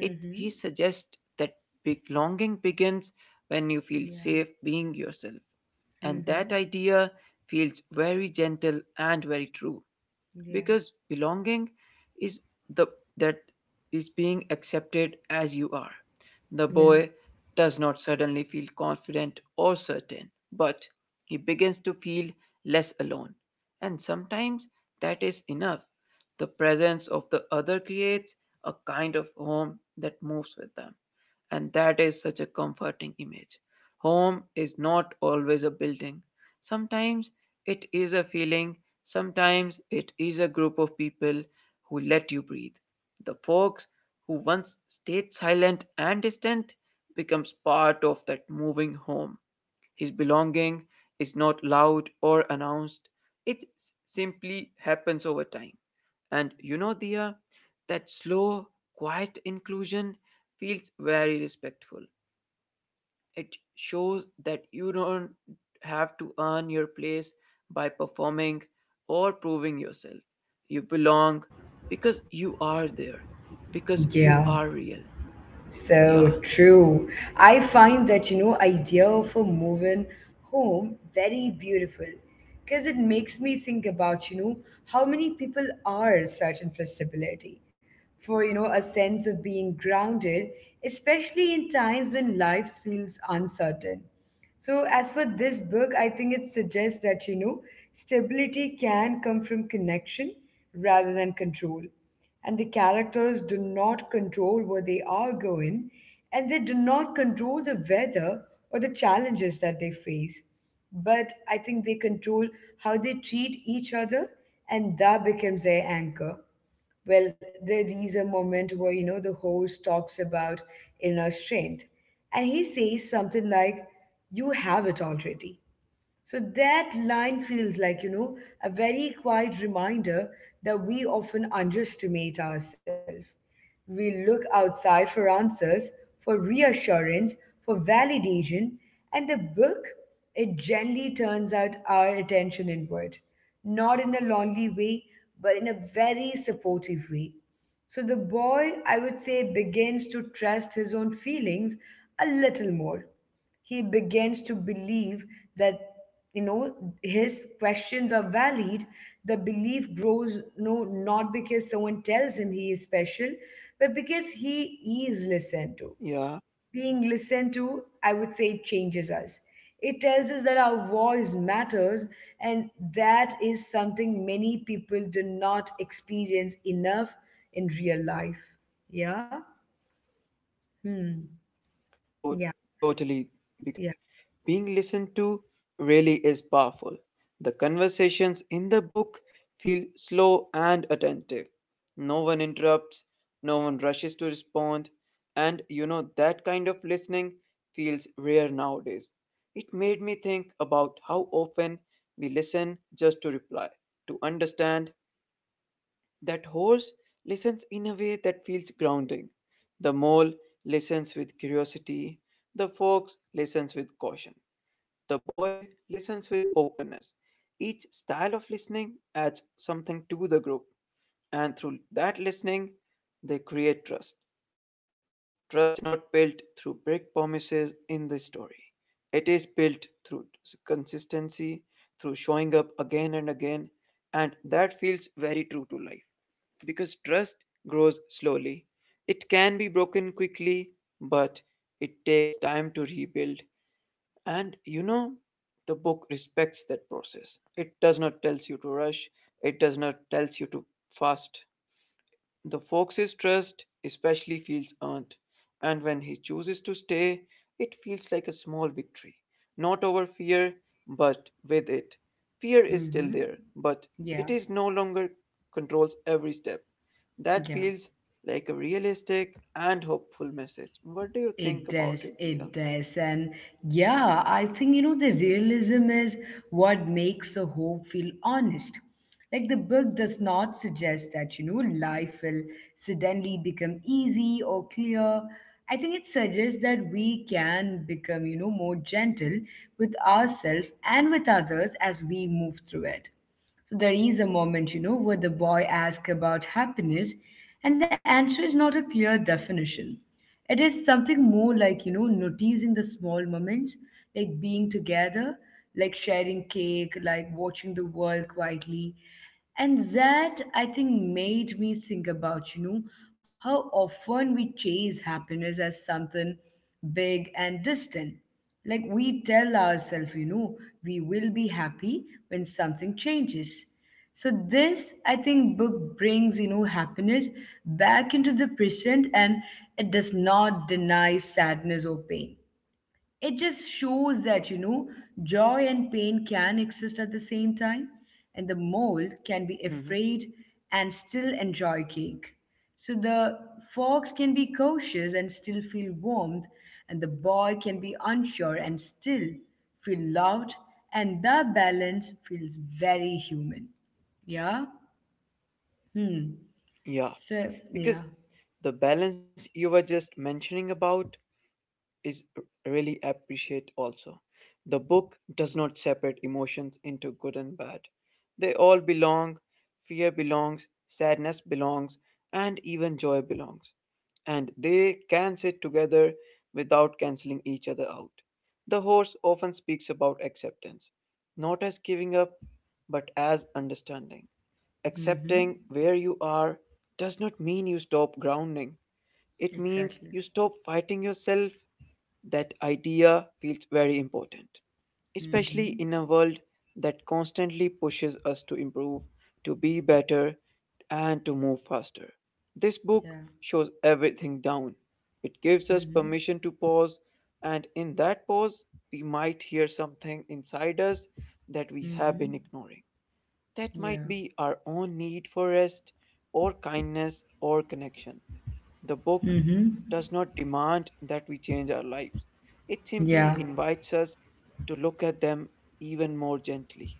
Speaker 2: It he suggests that belonging begins when you feel safe
Speaker 1: Yeah.
Speaker 2: being yourself. And that
Speaker 1: Mm-hmm.
Speaker 2: idea feels very gentle and very true
Speaker 1: Yeah.
Speaker 2: because belonging is the that is being accepted as you are. The boy
Speaker 1: Yeah.
Speaker 2: does not suddenly feel confident or certain, but he begins to feel less alone, and sometimes that is enough. The presence of the other creates a kind of home that moves with them. And that is such a comforting image. Home is not always a building. Sometimes it is a feeling, sometimes it is a group of people who let you breathe. The folks who once stayed silent and distant becomes part of that moving home. His belonging is not loud or announced, it s- simply happens over time. And you know, Dia, that slow, quiet inclusion feels very respectful. It shows that you don't have to earn your place by performing or proving yourself. You belong because you are there, because you
Speaker 1: Yeah.
Speaker 2: are real.
Speaker 1: So
Speaker 2: Yeah,
Speaker 1: true. I find that, you know, idea of a moving home very beautiful, because it makes me think about, you know, how many people are such inflexibility, for, you know, a sense of being grounded, especially in times when life feels uncertain. So, as for this book, I think it suggests that, you know, stability can come from connection rather than control. And the characters do not control where they are going, and they do not control the weather or the challenges that they face. But I think they control how they treat each other, and that becomes their anchor. Well, there is a moment where, you know, the host talks about inner strength, and he says something like, you have it already. So that line feels like, you know, a very quiet reminder that we often underestimate ourselves. We look outside for answers, for reassurance, for validation, and the book, it gently turns out our attention inward, not in a lonely way, but in a very supportive way. So the boy, I would say, begins to trust his own feelings a little more. He begins to believe that, you know his questions are valid. The belief grows, no, not because someone tells him he is special, but because he is listened to.
Speaker 2: yeah.
Speaker 1: Being listened to, I would say, it changes us. It tells us that our voice matters, and that is something many people do not experience enough in real life. Yeah. Hmm.
Speaker 2: To-
Speaker 1: Yeah.
Speaker 2: Totally,
Speaker 1: Yeah.
Speaker 2: because being listened to really is powerful. The conversations in the book feel slow and attentive. No one interrupts, no one rushes to respond, and you know that kind of listening feels rare nowadays. It made me think about how often we listen just to reply, to understand, that horse listens in a way that feels grounding. The mole listens with curiosity. The fox listens with caution. The boy listens with openness. Each style of listening adds something to the group, and through that listening, they create trust. Trust is not built through big promises in the story. It is built through s- consistency, through showing up again and again, and that feels very true to life. Because trust grows slowly. It can be broken quickly, but it takes time to rebuild. And you know, the book respects that process. It does not tells you to rush, it does not tells you to fast. The fox's trust especially feels earned, and when he chooses to stay, it feels like a small victory. Not over fear, but with it. Fear is still
Speaker 1: Mm-hmm.
Speaker 2: there, but
Speaker 1: Yeah,
Speaker 2: it is no longer controls every step. That
Speaker 1: yeah.
Speaker 2: feels like a realistic and hopeful message. What do you
Speaker 1: It
Speaker 2: think about
Speaker 1: does,
Speaker 2: it,
Speaker 1: it
Speaker 2: Dia?
Speaker 1: does. And yeah, I think, you know, the realism is what makes the hope feel honest. Like, the book does not suggest that, you know, life will suddenly become easy or clear. I think it suggests that we can become, you know, more gentle with ourselves and with others as we move through it. So there is a moment, you know, where the boy asks about happiness, and the answer is not a clear definition. It is something more like, you know, noticing the small moments, like being together, like sharing cake, like watching the world quietly. And that, I think, made me think about, you know, how often we chase happiness as something big and distant. Like, we tell ourselves, you know, we will be happy when something changes. So this, I think, book brings, you know, happiness back into the present. And it does not deny sadness or pain, it just shows that, you know joy and pain can exist at the same time. And the mole can be afraid
Speaker 2: Hmm.
Speaker 1: and still enjoy cake. So the fox can be cautious and still feel warmed, and the boy can be unsure and still feel loved, and the balance feels very human. Yeah. Hmm.
Speaker 2: Yeah,
Speaker 1: So yeah.
Speaker 2: because the balance you were just mentioning about is really appreciate also. The book does not separate emotions into good and bad. They all belong, fear belongs, sadness belongs, and even joy belongs. And they can sit together without canceling each other out. The horse often speaks about acceptance, not as giving up, but as understanding. Accepting
Speaker 1: Mm-hmm.
Speaker 2: where you are does not mean you stop grounding. It means you
Speaker 1: Exactly.
Speaker 2: stop fighting yourself. That idea feels very important, especially
Speaker 1: Mm-hmm.
Speaker 2: in a world that constantly pushes us to improve, to be better, and to move faster. This
Speaker 1: Yeah.
Speaker 2: book shows everything down. It gives us
Speaker 1: Mm-hmm.
Speaker 2: permission to pause, and in that pause, we might hear something inside us that we have been
Speaker 1: Mm-hmm.
Speaker 2: ignoring. That
Speaker 1: Yeah.
Speaker 2: might be our own need for rest, or kindness, or connection. The book
Speaker 1: Mm-hmm.
Speaker 2: does not demand that we change our lives, it
Speaker 1: Yeah,
Speaker 2: simply invites us to look at them even more gently.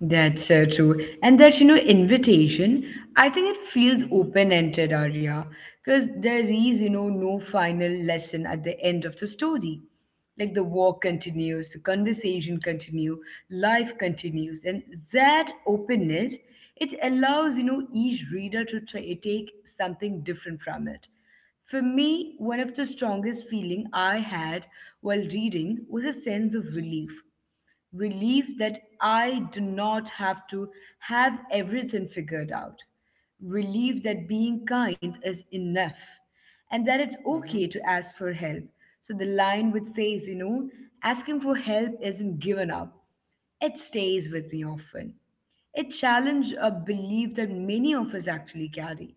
Speaker 1: that's so true. And that, you know, invitation, I think it feels
Speaker 2: Hmm.
Speaker 1: open-ended, Arya, because there is, you know, no final lesson at the end of the story. Like the walk continues, the conversation continue, life continues, and that openness, it allows, you know, each reader to ta take something different from it. For me, one of the strongest feeling I had while reading was a sense of relief relief that I do not have to have everything figured out, relief that being kind is enough, and that it's okay
Speaker 2: Hmm.
Speaker 1: to ask for help. So the line which says, you know, asking for help isn't given up, it stays with me often. It challenged a belief that many of us actually carry.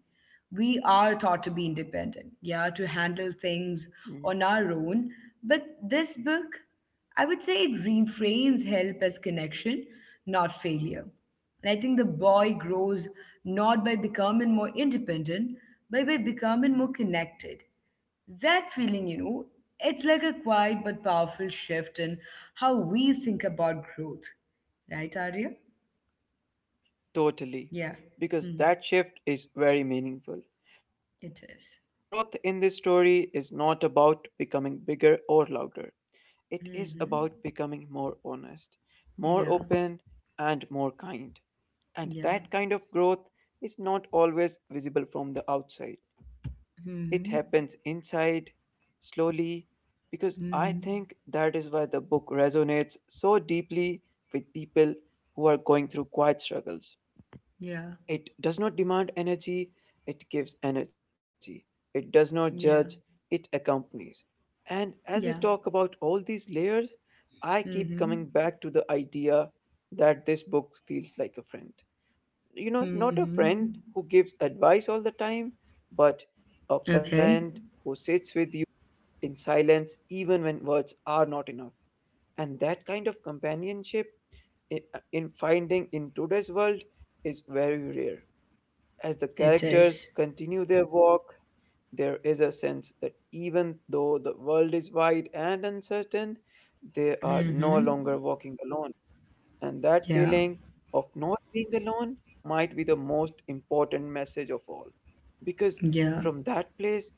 Speaker 1: We are taught to be independent, yeah, to handle things
Speaker 2: Hmm.
Speaker 1: on our own. But this book, I would say it reframes help as connection, not failure. And I think the boy grows not by becoming more independent, but by becoming more connected. That feeling, you know, it's like a quiet but powerful shift in how we think about growth. Right, Arya? Yeah.
Speaker 2: Totally.
Speaker 1: Hmm.
Speaker 2: Because that shift is very meaningful.
Speaker 1: It is.
Speaker 2: Growth in this story is not about becoming bigger or louder. It is about
Speaker 1: Mm-hmm.
Speaker 2: becoming more honest, more
Speaker 1: Yeah.
Speaker 2: open, and more kind.
Speaker 1: Yeah.
Speaker 2: And that kind of growth is not always visible from the outside.
Speaker 1: Mm-hmm.
Speaker 2: It happens inside, slowly, because I
Speaker 1: Mm-hmm.
Speaker 2: think that is why the book resonates so deeply with people who are going through quiet struggles.
Speaker 1: Yeah.
Speaker 2: It does not demand energy, it gives energy. It does not judge,
Speaker 1: Yeah.
Speaker 2: it accompanies. And as we
Speaker 1: Yeah.
Speaker 2: talk about all these layers, I keep coming
Speaker 1: Mm-hmm.
Speaker 2: back to the idea that this book feels like a friend, you know, not a
Speaker 1: Mm-hmm.
Speaker 2: friend who gives advice all the time, but
Speaker 1: Okay.
Speaker 2: a friend who sits with you in silence even when words are not enough. And that kind of companionship i- uh, in finding in today's world is very rare. As the
Speaker 1: It is.
Speaker 2: characters continue their walk, there is a sense that even though the world is wide and uncertain, they are no
Speaker 1: Mm-hmm.
Speaker 2: longer walking alone and that
Speaker 1: Yeah.
Speaker 2: feeling of not being alone might be the most important message of all. Because
Speaker 1: Yeah.
Speaker 2: from that place,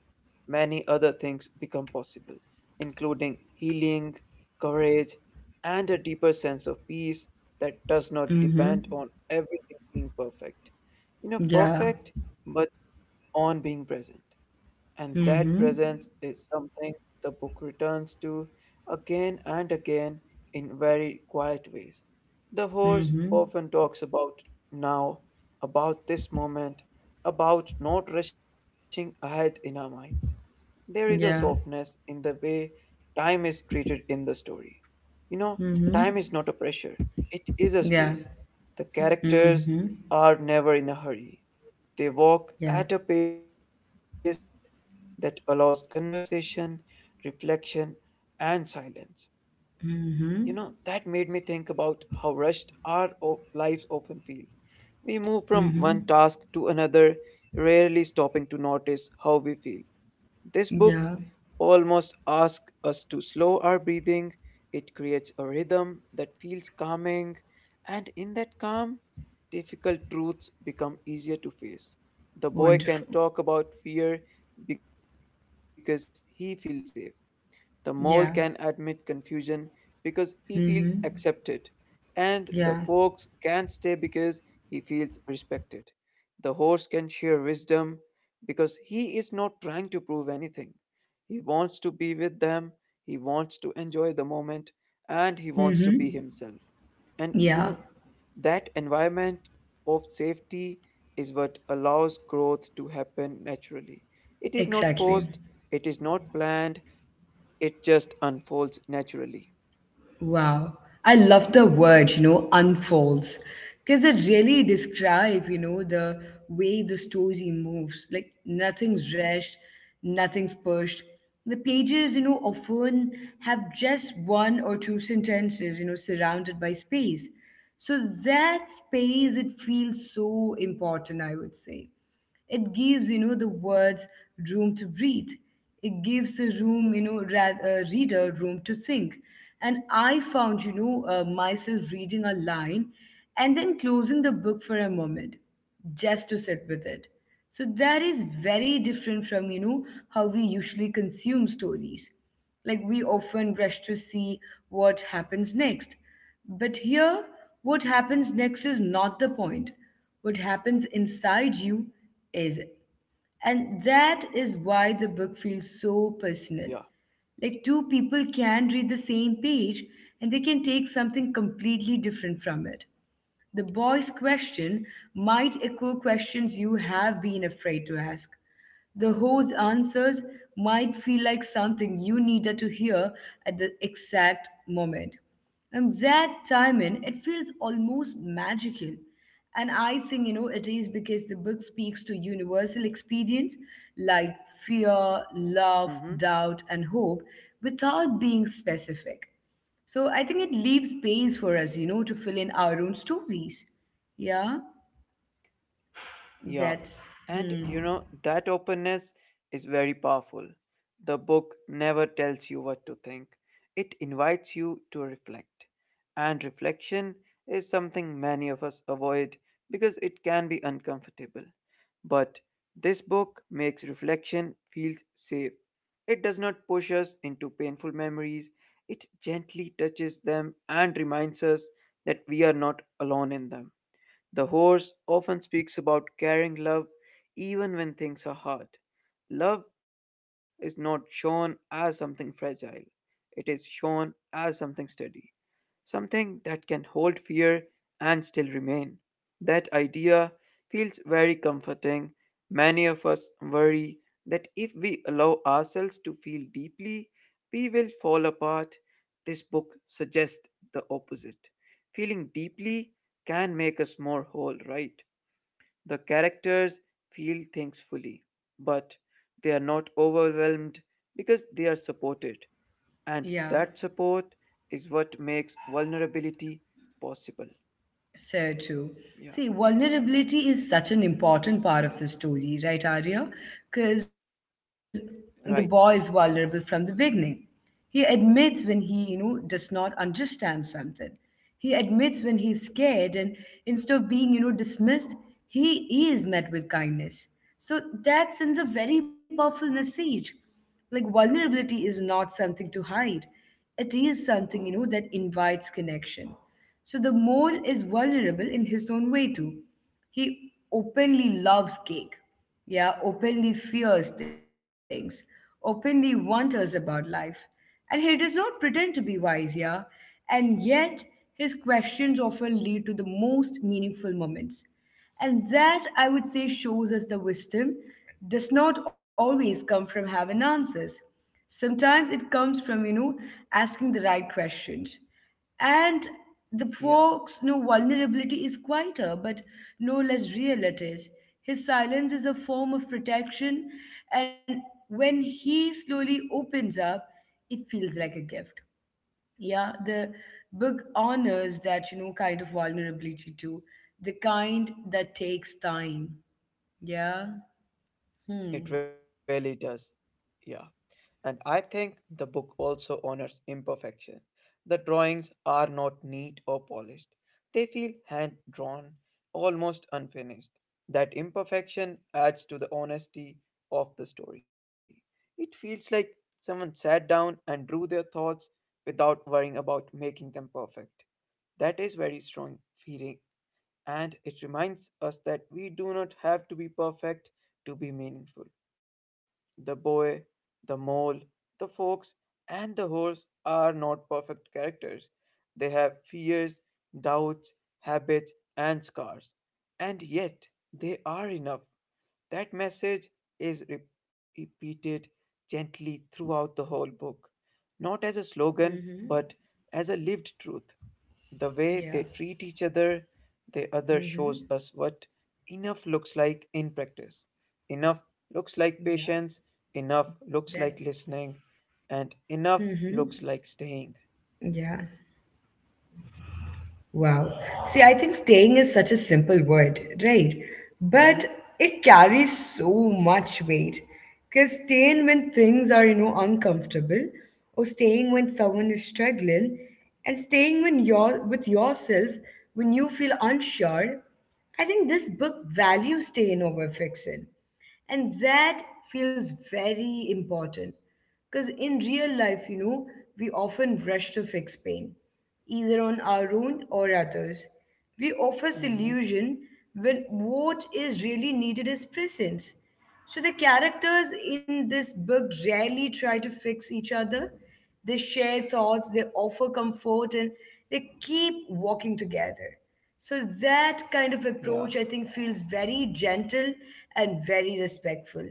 Speaker 2: many other things become possible, including healing, courage, and a deeper sense of peace that does not
Speaker 1: Mm-hmm.
Speaker 2: depend on everything being perfect. You know,
Speaker 1: Yeah.
Speaker 2: perfect, but on being present. And that
Speaker 1: Mm-hmm.
Speaker 2: presence is something the book returns to again and again in very quiet ways. The horse
Speaker 1: Mm-hmm.
Speaker 2: often talks about now, about this moment, about not rushing ahead in our minds. There is a softness
Speaker 1: Yeah.
Speaker 2: in the way time is treated in the story. You know, time
Speaker 1: Mm-hmm.
Speaker 2: is not a pressure, it is a
Speaker 1: Yeah.
Speaker 2: space. The
Speaker 1: Mm-hmm.
Speaker 2: characters are never in a hurry. They
Speaker 1: Yeah.
Speaker 2: walk at a pace that allows conversation, reflection, and silence. You know, that made me
Speaker 1: Mm-hmm.
Speaker 2: think about how rushed our o- lives often feel. We move from one task
Speaker 1: Mm-hmm.
Speaker 2: to another, rarely stopping to notice how we feel. This book
Speaker 1: Yeah.
Speaker 2: almost asks us to slow our breathing. It creates a rhythm that feels calming, and in that calm, difficult truths become easier to face. The boy can
Speaker 1: Wonderful.
Speaker 2: talk about fear because he feels safe. The mole
Speaker 1: Yeah.
Speaker 2: can admit confusion because he
Speaker 1: Mm-hmm.
Speaker 2: feels accepted, and
Speaker 1: Yeah.
Speaker 2: the fox can stay because he feels respected. The horse can share wisdom because he is not trying to prove anything. He wants to be with them, he wants to enjoy the moment, and he wants to be
Speaker 1: Mm-hmm.
Speaker 2: himself. And you know,
Speaker 1: Yeah.
Speaker 2: that environment of safety is what allows growth to happen naturally. It is not
Speaker 1: Exactly.
Speaker 2: forced, it is not planned, it just unfolds naturally.
Speaker 1: Wow. I love the word, you know, unfolds. Because it really describe, you know, the way the story moves. Like nothing's rushed, nothing's pushed. The pages, you know, often have just one or two sentences, you know, surrounded by space. So that space, it feels so important, I would say. It gives, you know, the words room to breathe. It gives the room, you know, ra- uh, reader room to think. And I found, you know, uh, myself reading a line and then closing the book for a moment just to sit with it. So that is very different from, you know, how we usually consume stories. Like we often rush to see what happens next. But here, what happens next is not the point. What happens inside you is it. And that is why the book feels so
Speaker 2: Yeah.
Speaker 1: personal. Like two people can read the same page and they can take something completely different from it. The boy's question might echo questions you have been afraid to ask. The ho's answers might feel like something you needed to hear at the exact moment. And that timing, it feels almost magical. And I think, you know, it is because the book speaks to universal experience like fear,
Speaker 2: Hmm.
Speaker 1: love, doubt, and hope without being specific. So I think it leaves space for us, you know, to fill in our own stories. Yeah,
Speaker 2: Yeah,
Speaker 1: that's,
Speaker 2: and
Speaker 1: hmm,
Speaker 2: you know, that openness is very powerful. The book never tells you what to think, it invites you to reflect. And reflection is something many of us avoid because it can be uncomfortable. But this book makes reflection feel safe. It does not push us into painful memories, it gently touches them and reminds us that we are not alone in them. The horse often speaks about carrying love even when things are hard. Love is not shown as something fragile, it is shown as something steady something that can hold fear and still remain. That idea feels very comforting. Many of us worry that if we allow ourselves to feel deeply, we will fall apart. This book suggests the opposite. Feeling deeply can make us more whole, right? The characters feel things fully, but they are not overwhelmed because they are supported. And
Speaker 1: yeah,
Speaker 2: that support is what makes vulnerability possible.
Speaker 1: so true.
Speaker 2: Yeah,
Speaker 1: See, vulnerability is such an important part of the story, right, Arya? Because the boy is vulnerable
Speaker 2: right.
Speaker 1: from the beginning. He admits when he, you know, does not understand something. He admits when he's scared, and instead of being, you know, dismissed, he is met with kindness. So that sends a very powerful message like vulnerability is not something to hide, it is something you know that invites connection. So the mole is vulnerable in his own way too. He openly loves cake, yeah, openly fears things, openly wonders about life, and he does not pretend to be wise, yeah. And yet his questions often lead to the most meaningful moments, and that, I would say, shows us the wisdom does not always come from having answers. Sometimes it comes from, you know, asking the right questions. And the
Speaker 2: Yeah,
Speaker 1: folks, no vulnerability is quieter, but no less real it is. His silence is a form of protection, and when he slowly opens up, it feels like a gift. Yeah, the book honors that, you know, kind of vulnerability too. The kind that takes time. Yeah. Hmm.
Speaker 2: it really does. Yeah. And I think the book also honors imperfection. The drawings are not neat or polished, they feel hand drawn, almost unfinished. That imperfection adds to the honesty of the story. It feels like someone sat down and drew their thoughts without worrying about making them perfect. That is very strong feeling and it reminds us that we do not have to be perfect to be meaningful. The boy, the mole, the fox, and the horse are not perfect characters. They have fears, doubts, habits, and scars. And yet, they are enough. That message is re- repeated gently throughout the whole book not as a slogan, but
Speaker 1: Mm-hmm.
Speaker 2: as a lived truth. The way they
Speaker 1: Yeah.
Speaker 2: treat each other, the other shows us
Speaker 1: Mm-hmm.
Speaker 2: what enough looks like in practice. Enough
Speaker 1: Yeah.
Speaker 2: looks like patience,
Speaker 1: That.
Speaker 2: enough looks like listening, and
Speaker 1: Mm-hmm.
Speaker 2: enough looks like
Speaker 1: Yeah.
Speaker 2: staying.
Speaker 1: Wow. See, I think staying is such a simple word, right? But it
Speaker 2: Mm-hmm.
Speaker 1: carries so much weight. Because staying when things are, you know, uncomfortable, or staying when someone is struggling, and staying when you're with yourself when you feel unsure, I think this book values staying over fiction. And that feels very important because in real life, you know, we often rush to fix pain, either on our own or others. We offer
Speaker 2: Mm-hmm.
Speaker 1: solution when what is really needed is presence. So the characters in this book rarely try to fix each other. They share thoughts, they offer comfort, and they keep walking together. So that kind of approach,
Speaker 2: Yeah,
Speaker 1: I think, feels very gentle and very respectful.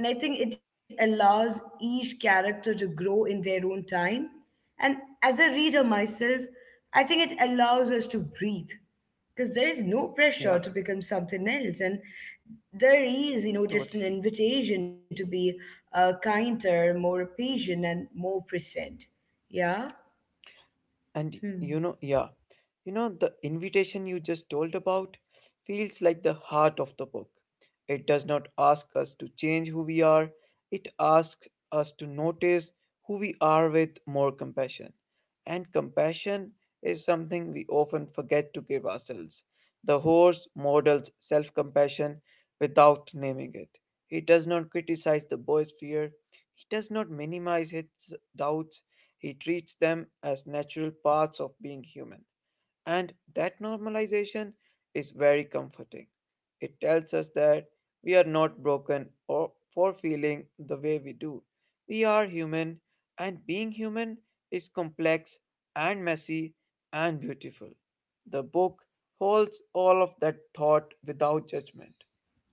Speaker 1: And I think it allows each character to grow in their own time. And as a reader myself, I think it allows us to breathe because there is no pressure
Speaker 2: yeah,
Speaker 1: to become something else, and there is you know just an
Speaker 2: totally.
Speaker 1: invitation to be uh, kinder, more patient and more present. Yeah.
Speaker 2: And
Speaker 1: Hmm.
Speaker 2: you know, yeah, you know, the invitation you just told about feels like the heart of the book. It does not ask us to change who we are, it asks us to notice who we are with more compassion. And compassion is something we often forget to give ourselves. The horse models self compassion without naming it. He does not criticize the boy's fear, he does not minimize his doubts he treats them as natural parts of being human. And that normalization is very comforting. It tells us that we are not broken or for feeling the way we do. We are human, and being human is complex and messy and beautiful. The book holds all of that thought without judgment.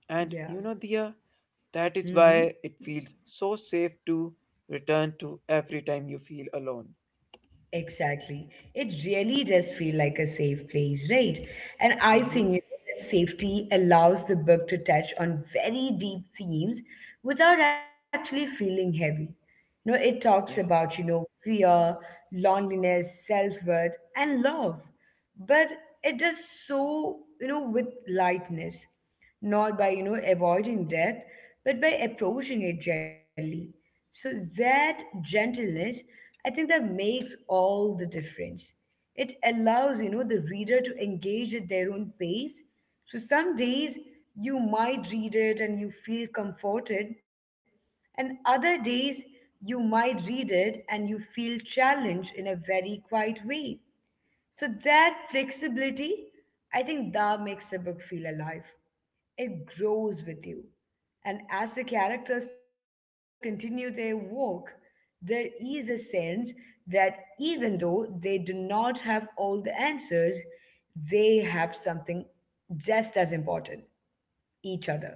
Speaker 2: And
Speaker 1: Yeah.
Speaker 2: you know, Dia, that is why it feels so safe to return to every time you feel alone.
Speaker 1: Exactly. It really does feel like a safe place, right? And I think you
Speaker 2: Hmm.
Speaker 1: know, that safety allows the book to touch on very deep themes without actually feeling heavy. You know, it talks about, you
Speaker 2: Yeah,
Speaker 1: know, fear, loneliness, self-worth, and love, but it does so you know with lightness, not by you know avoiding death, but by approaching it gently. So that gentleness, I think that makes all the difference. It allows you know the reader to engage at their own pace. So some days you might read it and you feel comforted, and other days you might read it and you feel challenged in a very quiet way. So that flexibility, I think that makes a book feel alive. It grows with you. And as the characters continue their walk, there is a sense that even though they do not have all the answers, they have something just as important, each other.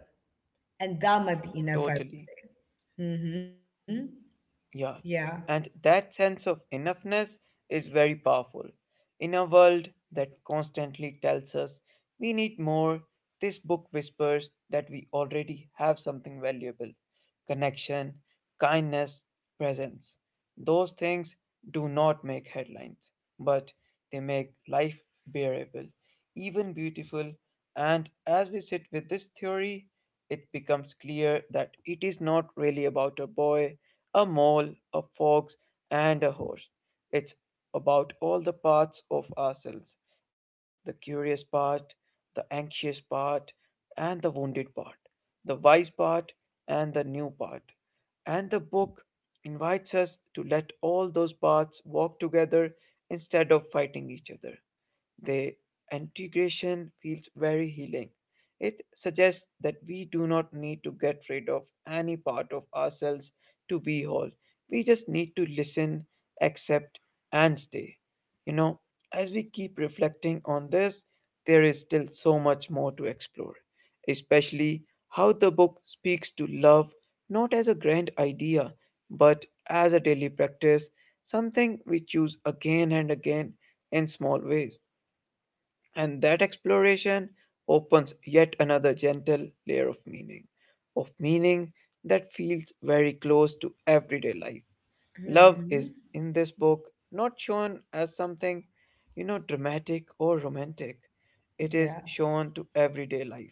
Speaker 1: And that might be enough, I would
Speaker 2: totally.
Speaker 1: say. Mm-hmm.
Speaker 2: Yeah,
Speaker 1: Yeah.
Speaker 2: and that sense of enoughness is very powerful. In a world that constantly tells us we need more, this book whispers that we already have something valuable connection, kindness, presence. Those things do not make headlines, but they make life bearable, even beautiful. And as we sit with this theory, it becomes clear that it is not really about a boy, a mole, a fox, and a horse. It's about all the parts of ourselves the curious part, the anxious part, and the wounded part the wise part and the new part. And the book invites us to let all those paths walk together instead of fighting each other. The integration feels very healing. It suggests that we do not need to get rid of any part of ourselves to be whole. We just need to listen, accept, and stay. You know, as we keep reflecting on this, there is still so much more to explore, especially how the book speaks to love not as a grand idea but as a daily practice, something we choose again and again in small ways. And that exploration opens yet another gentle layer of meaning, of meaning that feels very close to everyday life. Love is
Speaker 1: Mm-hmm.
Speaker 2: in this book not shown as something, you know, dramatic or romantic, it is
Speaker 1: Yeah.
Speaker 2: shown to everyday life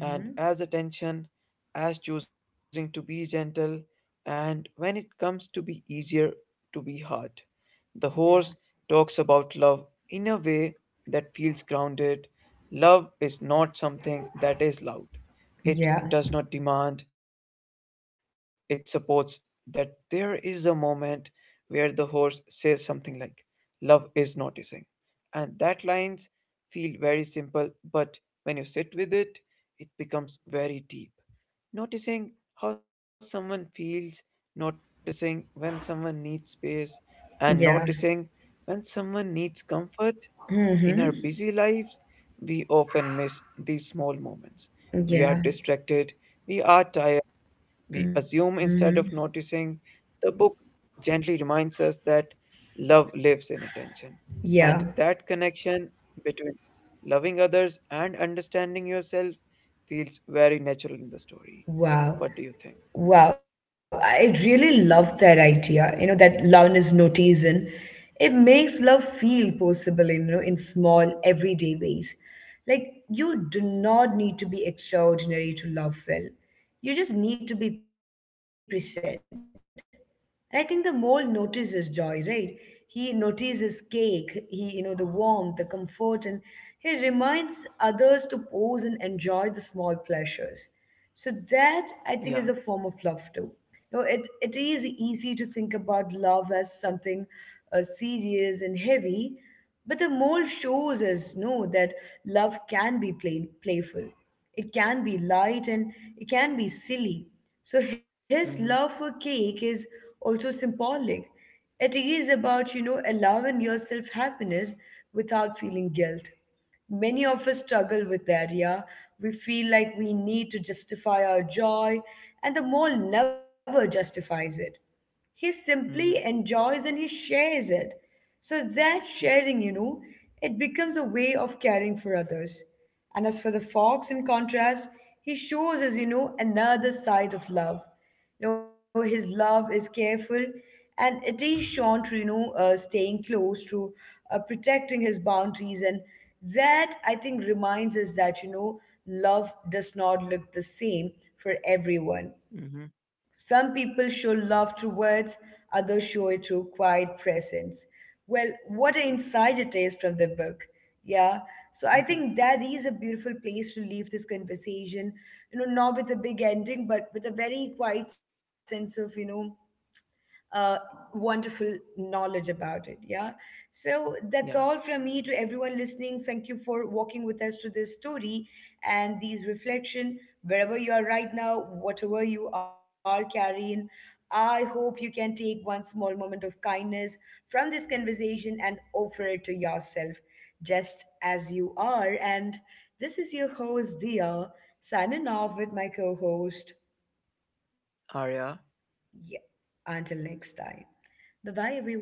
Speaker 2: and as attention, as choosing to be gentle, and when it comes to be easier to be hard. The horse
Speaker 1: Yeah.
Speaker 2: talks about love in a way that feels grounded. Love is not something that is loud. It
Speaker 1: Yeah.
Speaker 2: does not demand. It supports that there is a moment where the horse says something like, love is noticing. And that lines feel very simple, but when you sit with it, it becomes very deep. Noticing how someone feels, noticing when someone needs space, and
Speaker 1: Yeah.
Speaker 2: noticing when someone needs comfort in our
Speaker 1: Mm-hmm.
Speaker 2: busy lives, we often miss these small moments. We
Speaker 1: Yeah.
Speaker 2: are distracted, we are tired, we
Speaker 1: Hmm.
Speaker 2: assume instead of noticing. The book gently reminds us that love lives in attention,
Speaker 1: Yeah.
Speaker 2: and that connection between loving others and understanding yourself feels very natural in the story.
Speaker 1: Wow.
Speaker 2: What do you think?
Speaker 1: Wow, I really love that idea, you know, that love is noticed, and it makes love feel possible in, you know, in small everyday ways. Like you do not need to be extraordinary to love well. You just need to be present. And I think the mole notices joy, right? He notices cake, he, you know, the warmth, the comfort, and he reminds others to pause and enjoy the small pleasures. So that I think is a form of love too.
Speaker 2: Yeah.
Speaker 1: You know, it, it is easy to think about love as something uh, serious and heavy, but the mole shows us no that love can be plain, playful. It can be light and it can be silly. So his love for cake is
Speaker 2: Mm-hmm.
Speaker 1: also symbolic. It is about, you know, allowing yourself happiness without feeling guilt. Many of us struggle with that, yeah. We feel like we need to justify our joy, and the mall never justifies it. He simply enjoys and he
Speaker 2: Mm-hmm.
Speaker 1: shares it. So that sharing, you know, it
Speaker 2: Yeah.
Speaker 1: becomes a way of caring for others. And as for the fox, in contrast, he shows us, you know, another side of love. You know, his love is careful and it is shown through, you know, uh, staying close, to uh, protecting his boundaries. And that, I think, reminds us that, you know, love does not look the same for everyone. Some people show
Speaker 2: Mm-hmm.
Speaker 1: love through words, others show it through quiet presence. Well, what an insight it is from the book. Yeah. So I think that is a beautiful
Speaker 2: Mm-hmm.
Speaker 1: place to leave this conversation. You know, not with a big ending, but with a very quiet sense of, you know, uh, wonderful knowledge about it. Yeah. So that's all from me to everyone
Speaker 2: Yeah.
Speaker 1: listening. Thank you for walking with us to this story and these reflection. Wherever you are right now, whatever you are carrying, I hope you can take one small moment of kindness from this conversation and offer it to yourself just as you are. And this is your host, Dia, signing off with my co host. Yeah. Until
Speaker 2: Arya.
Speaker 1: next time. Bye bye, everyone.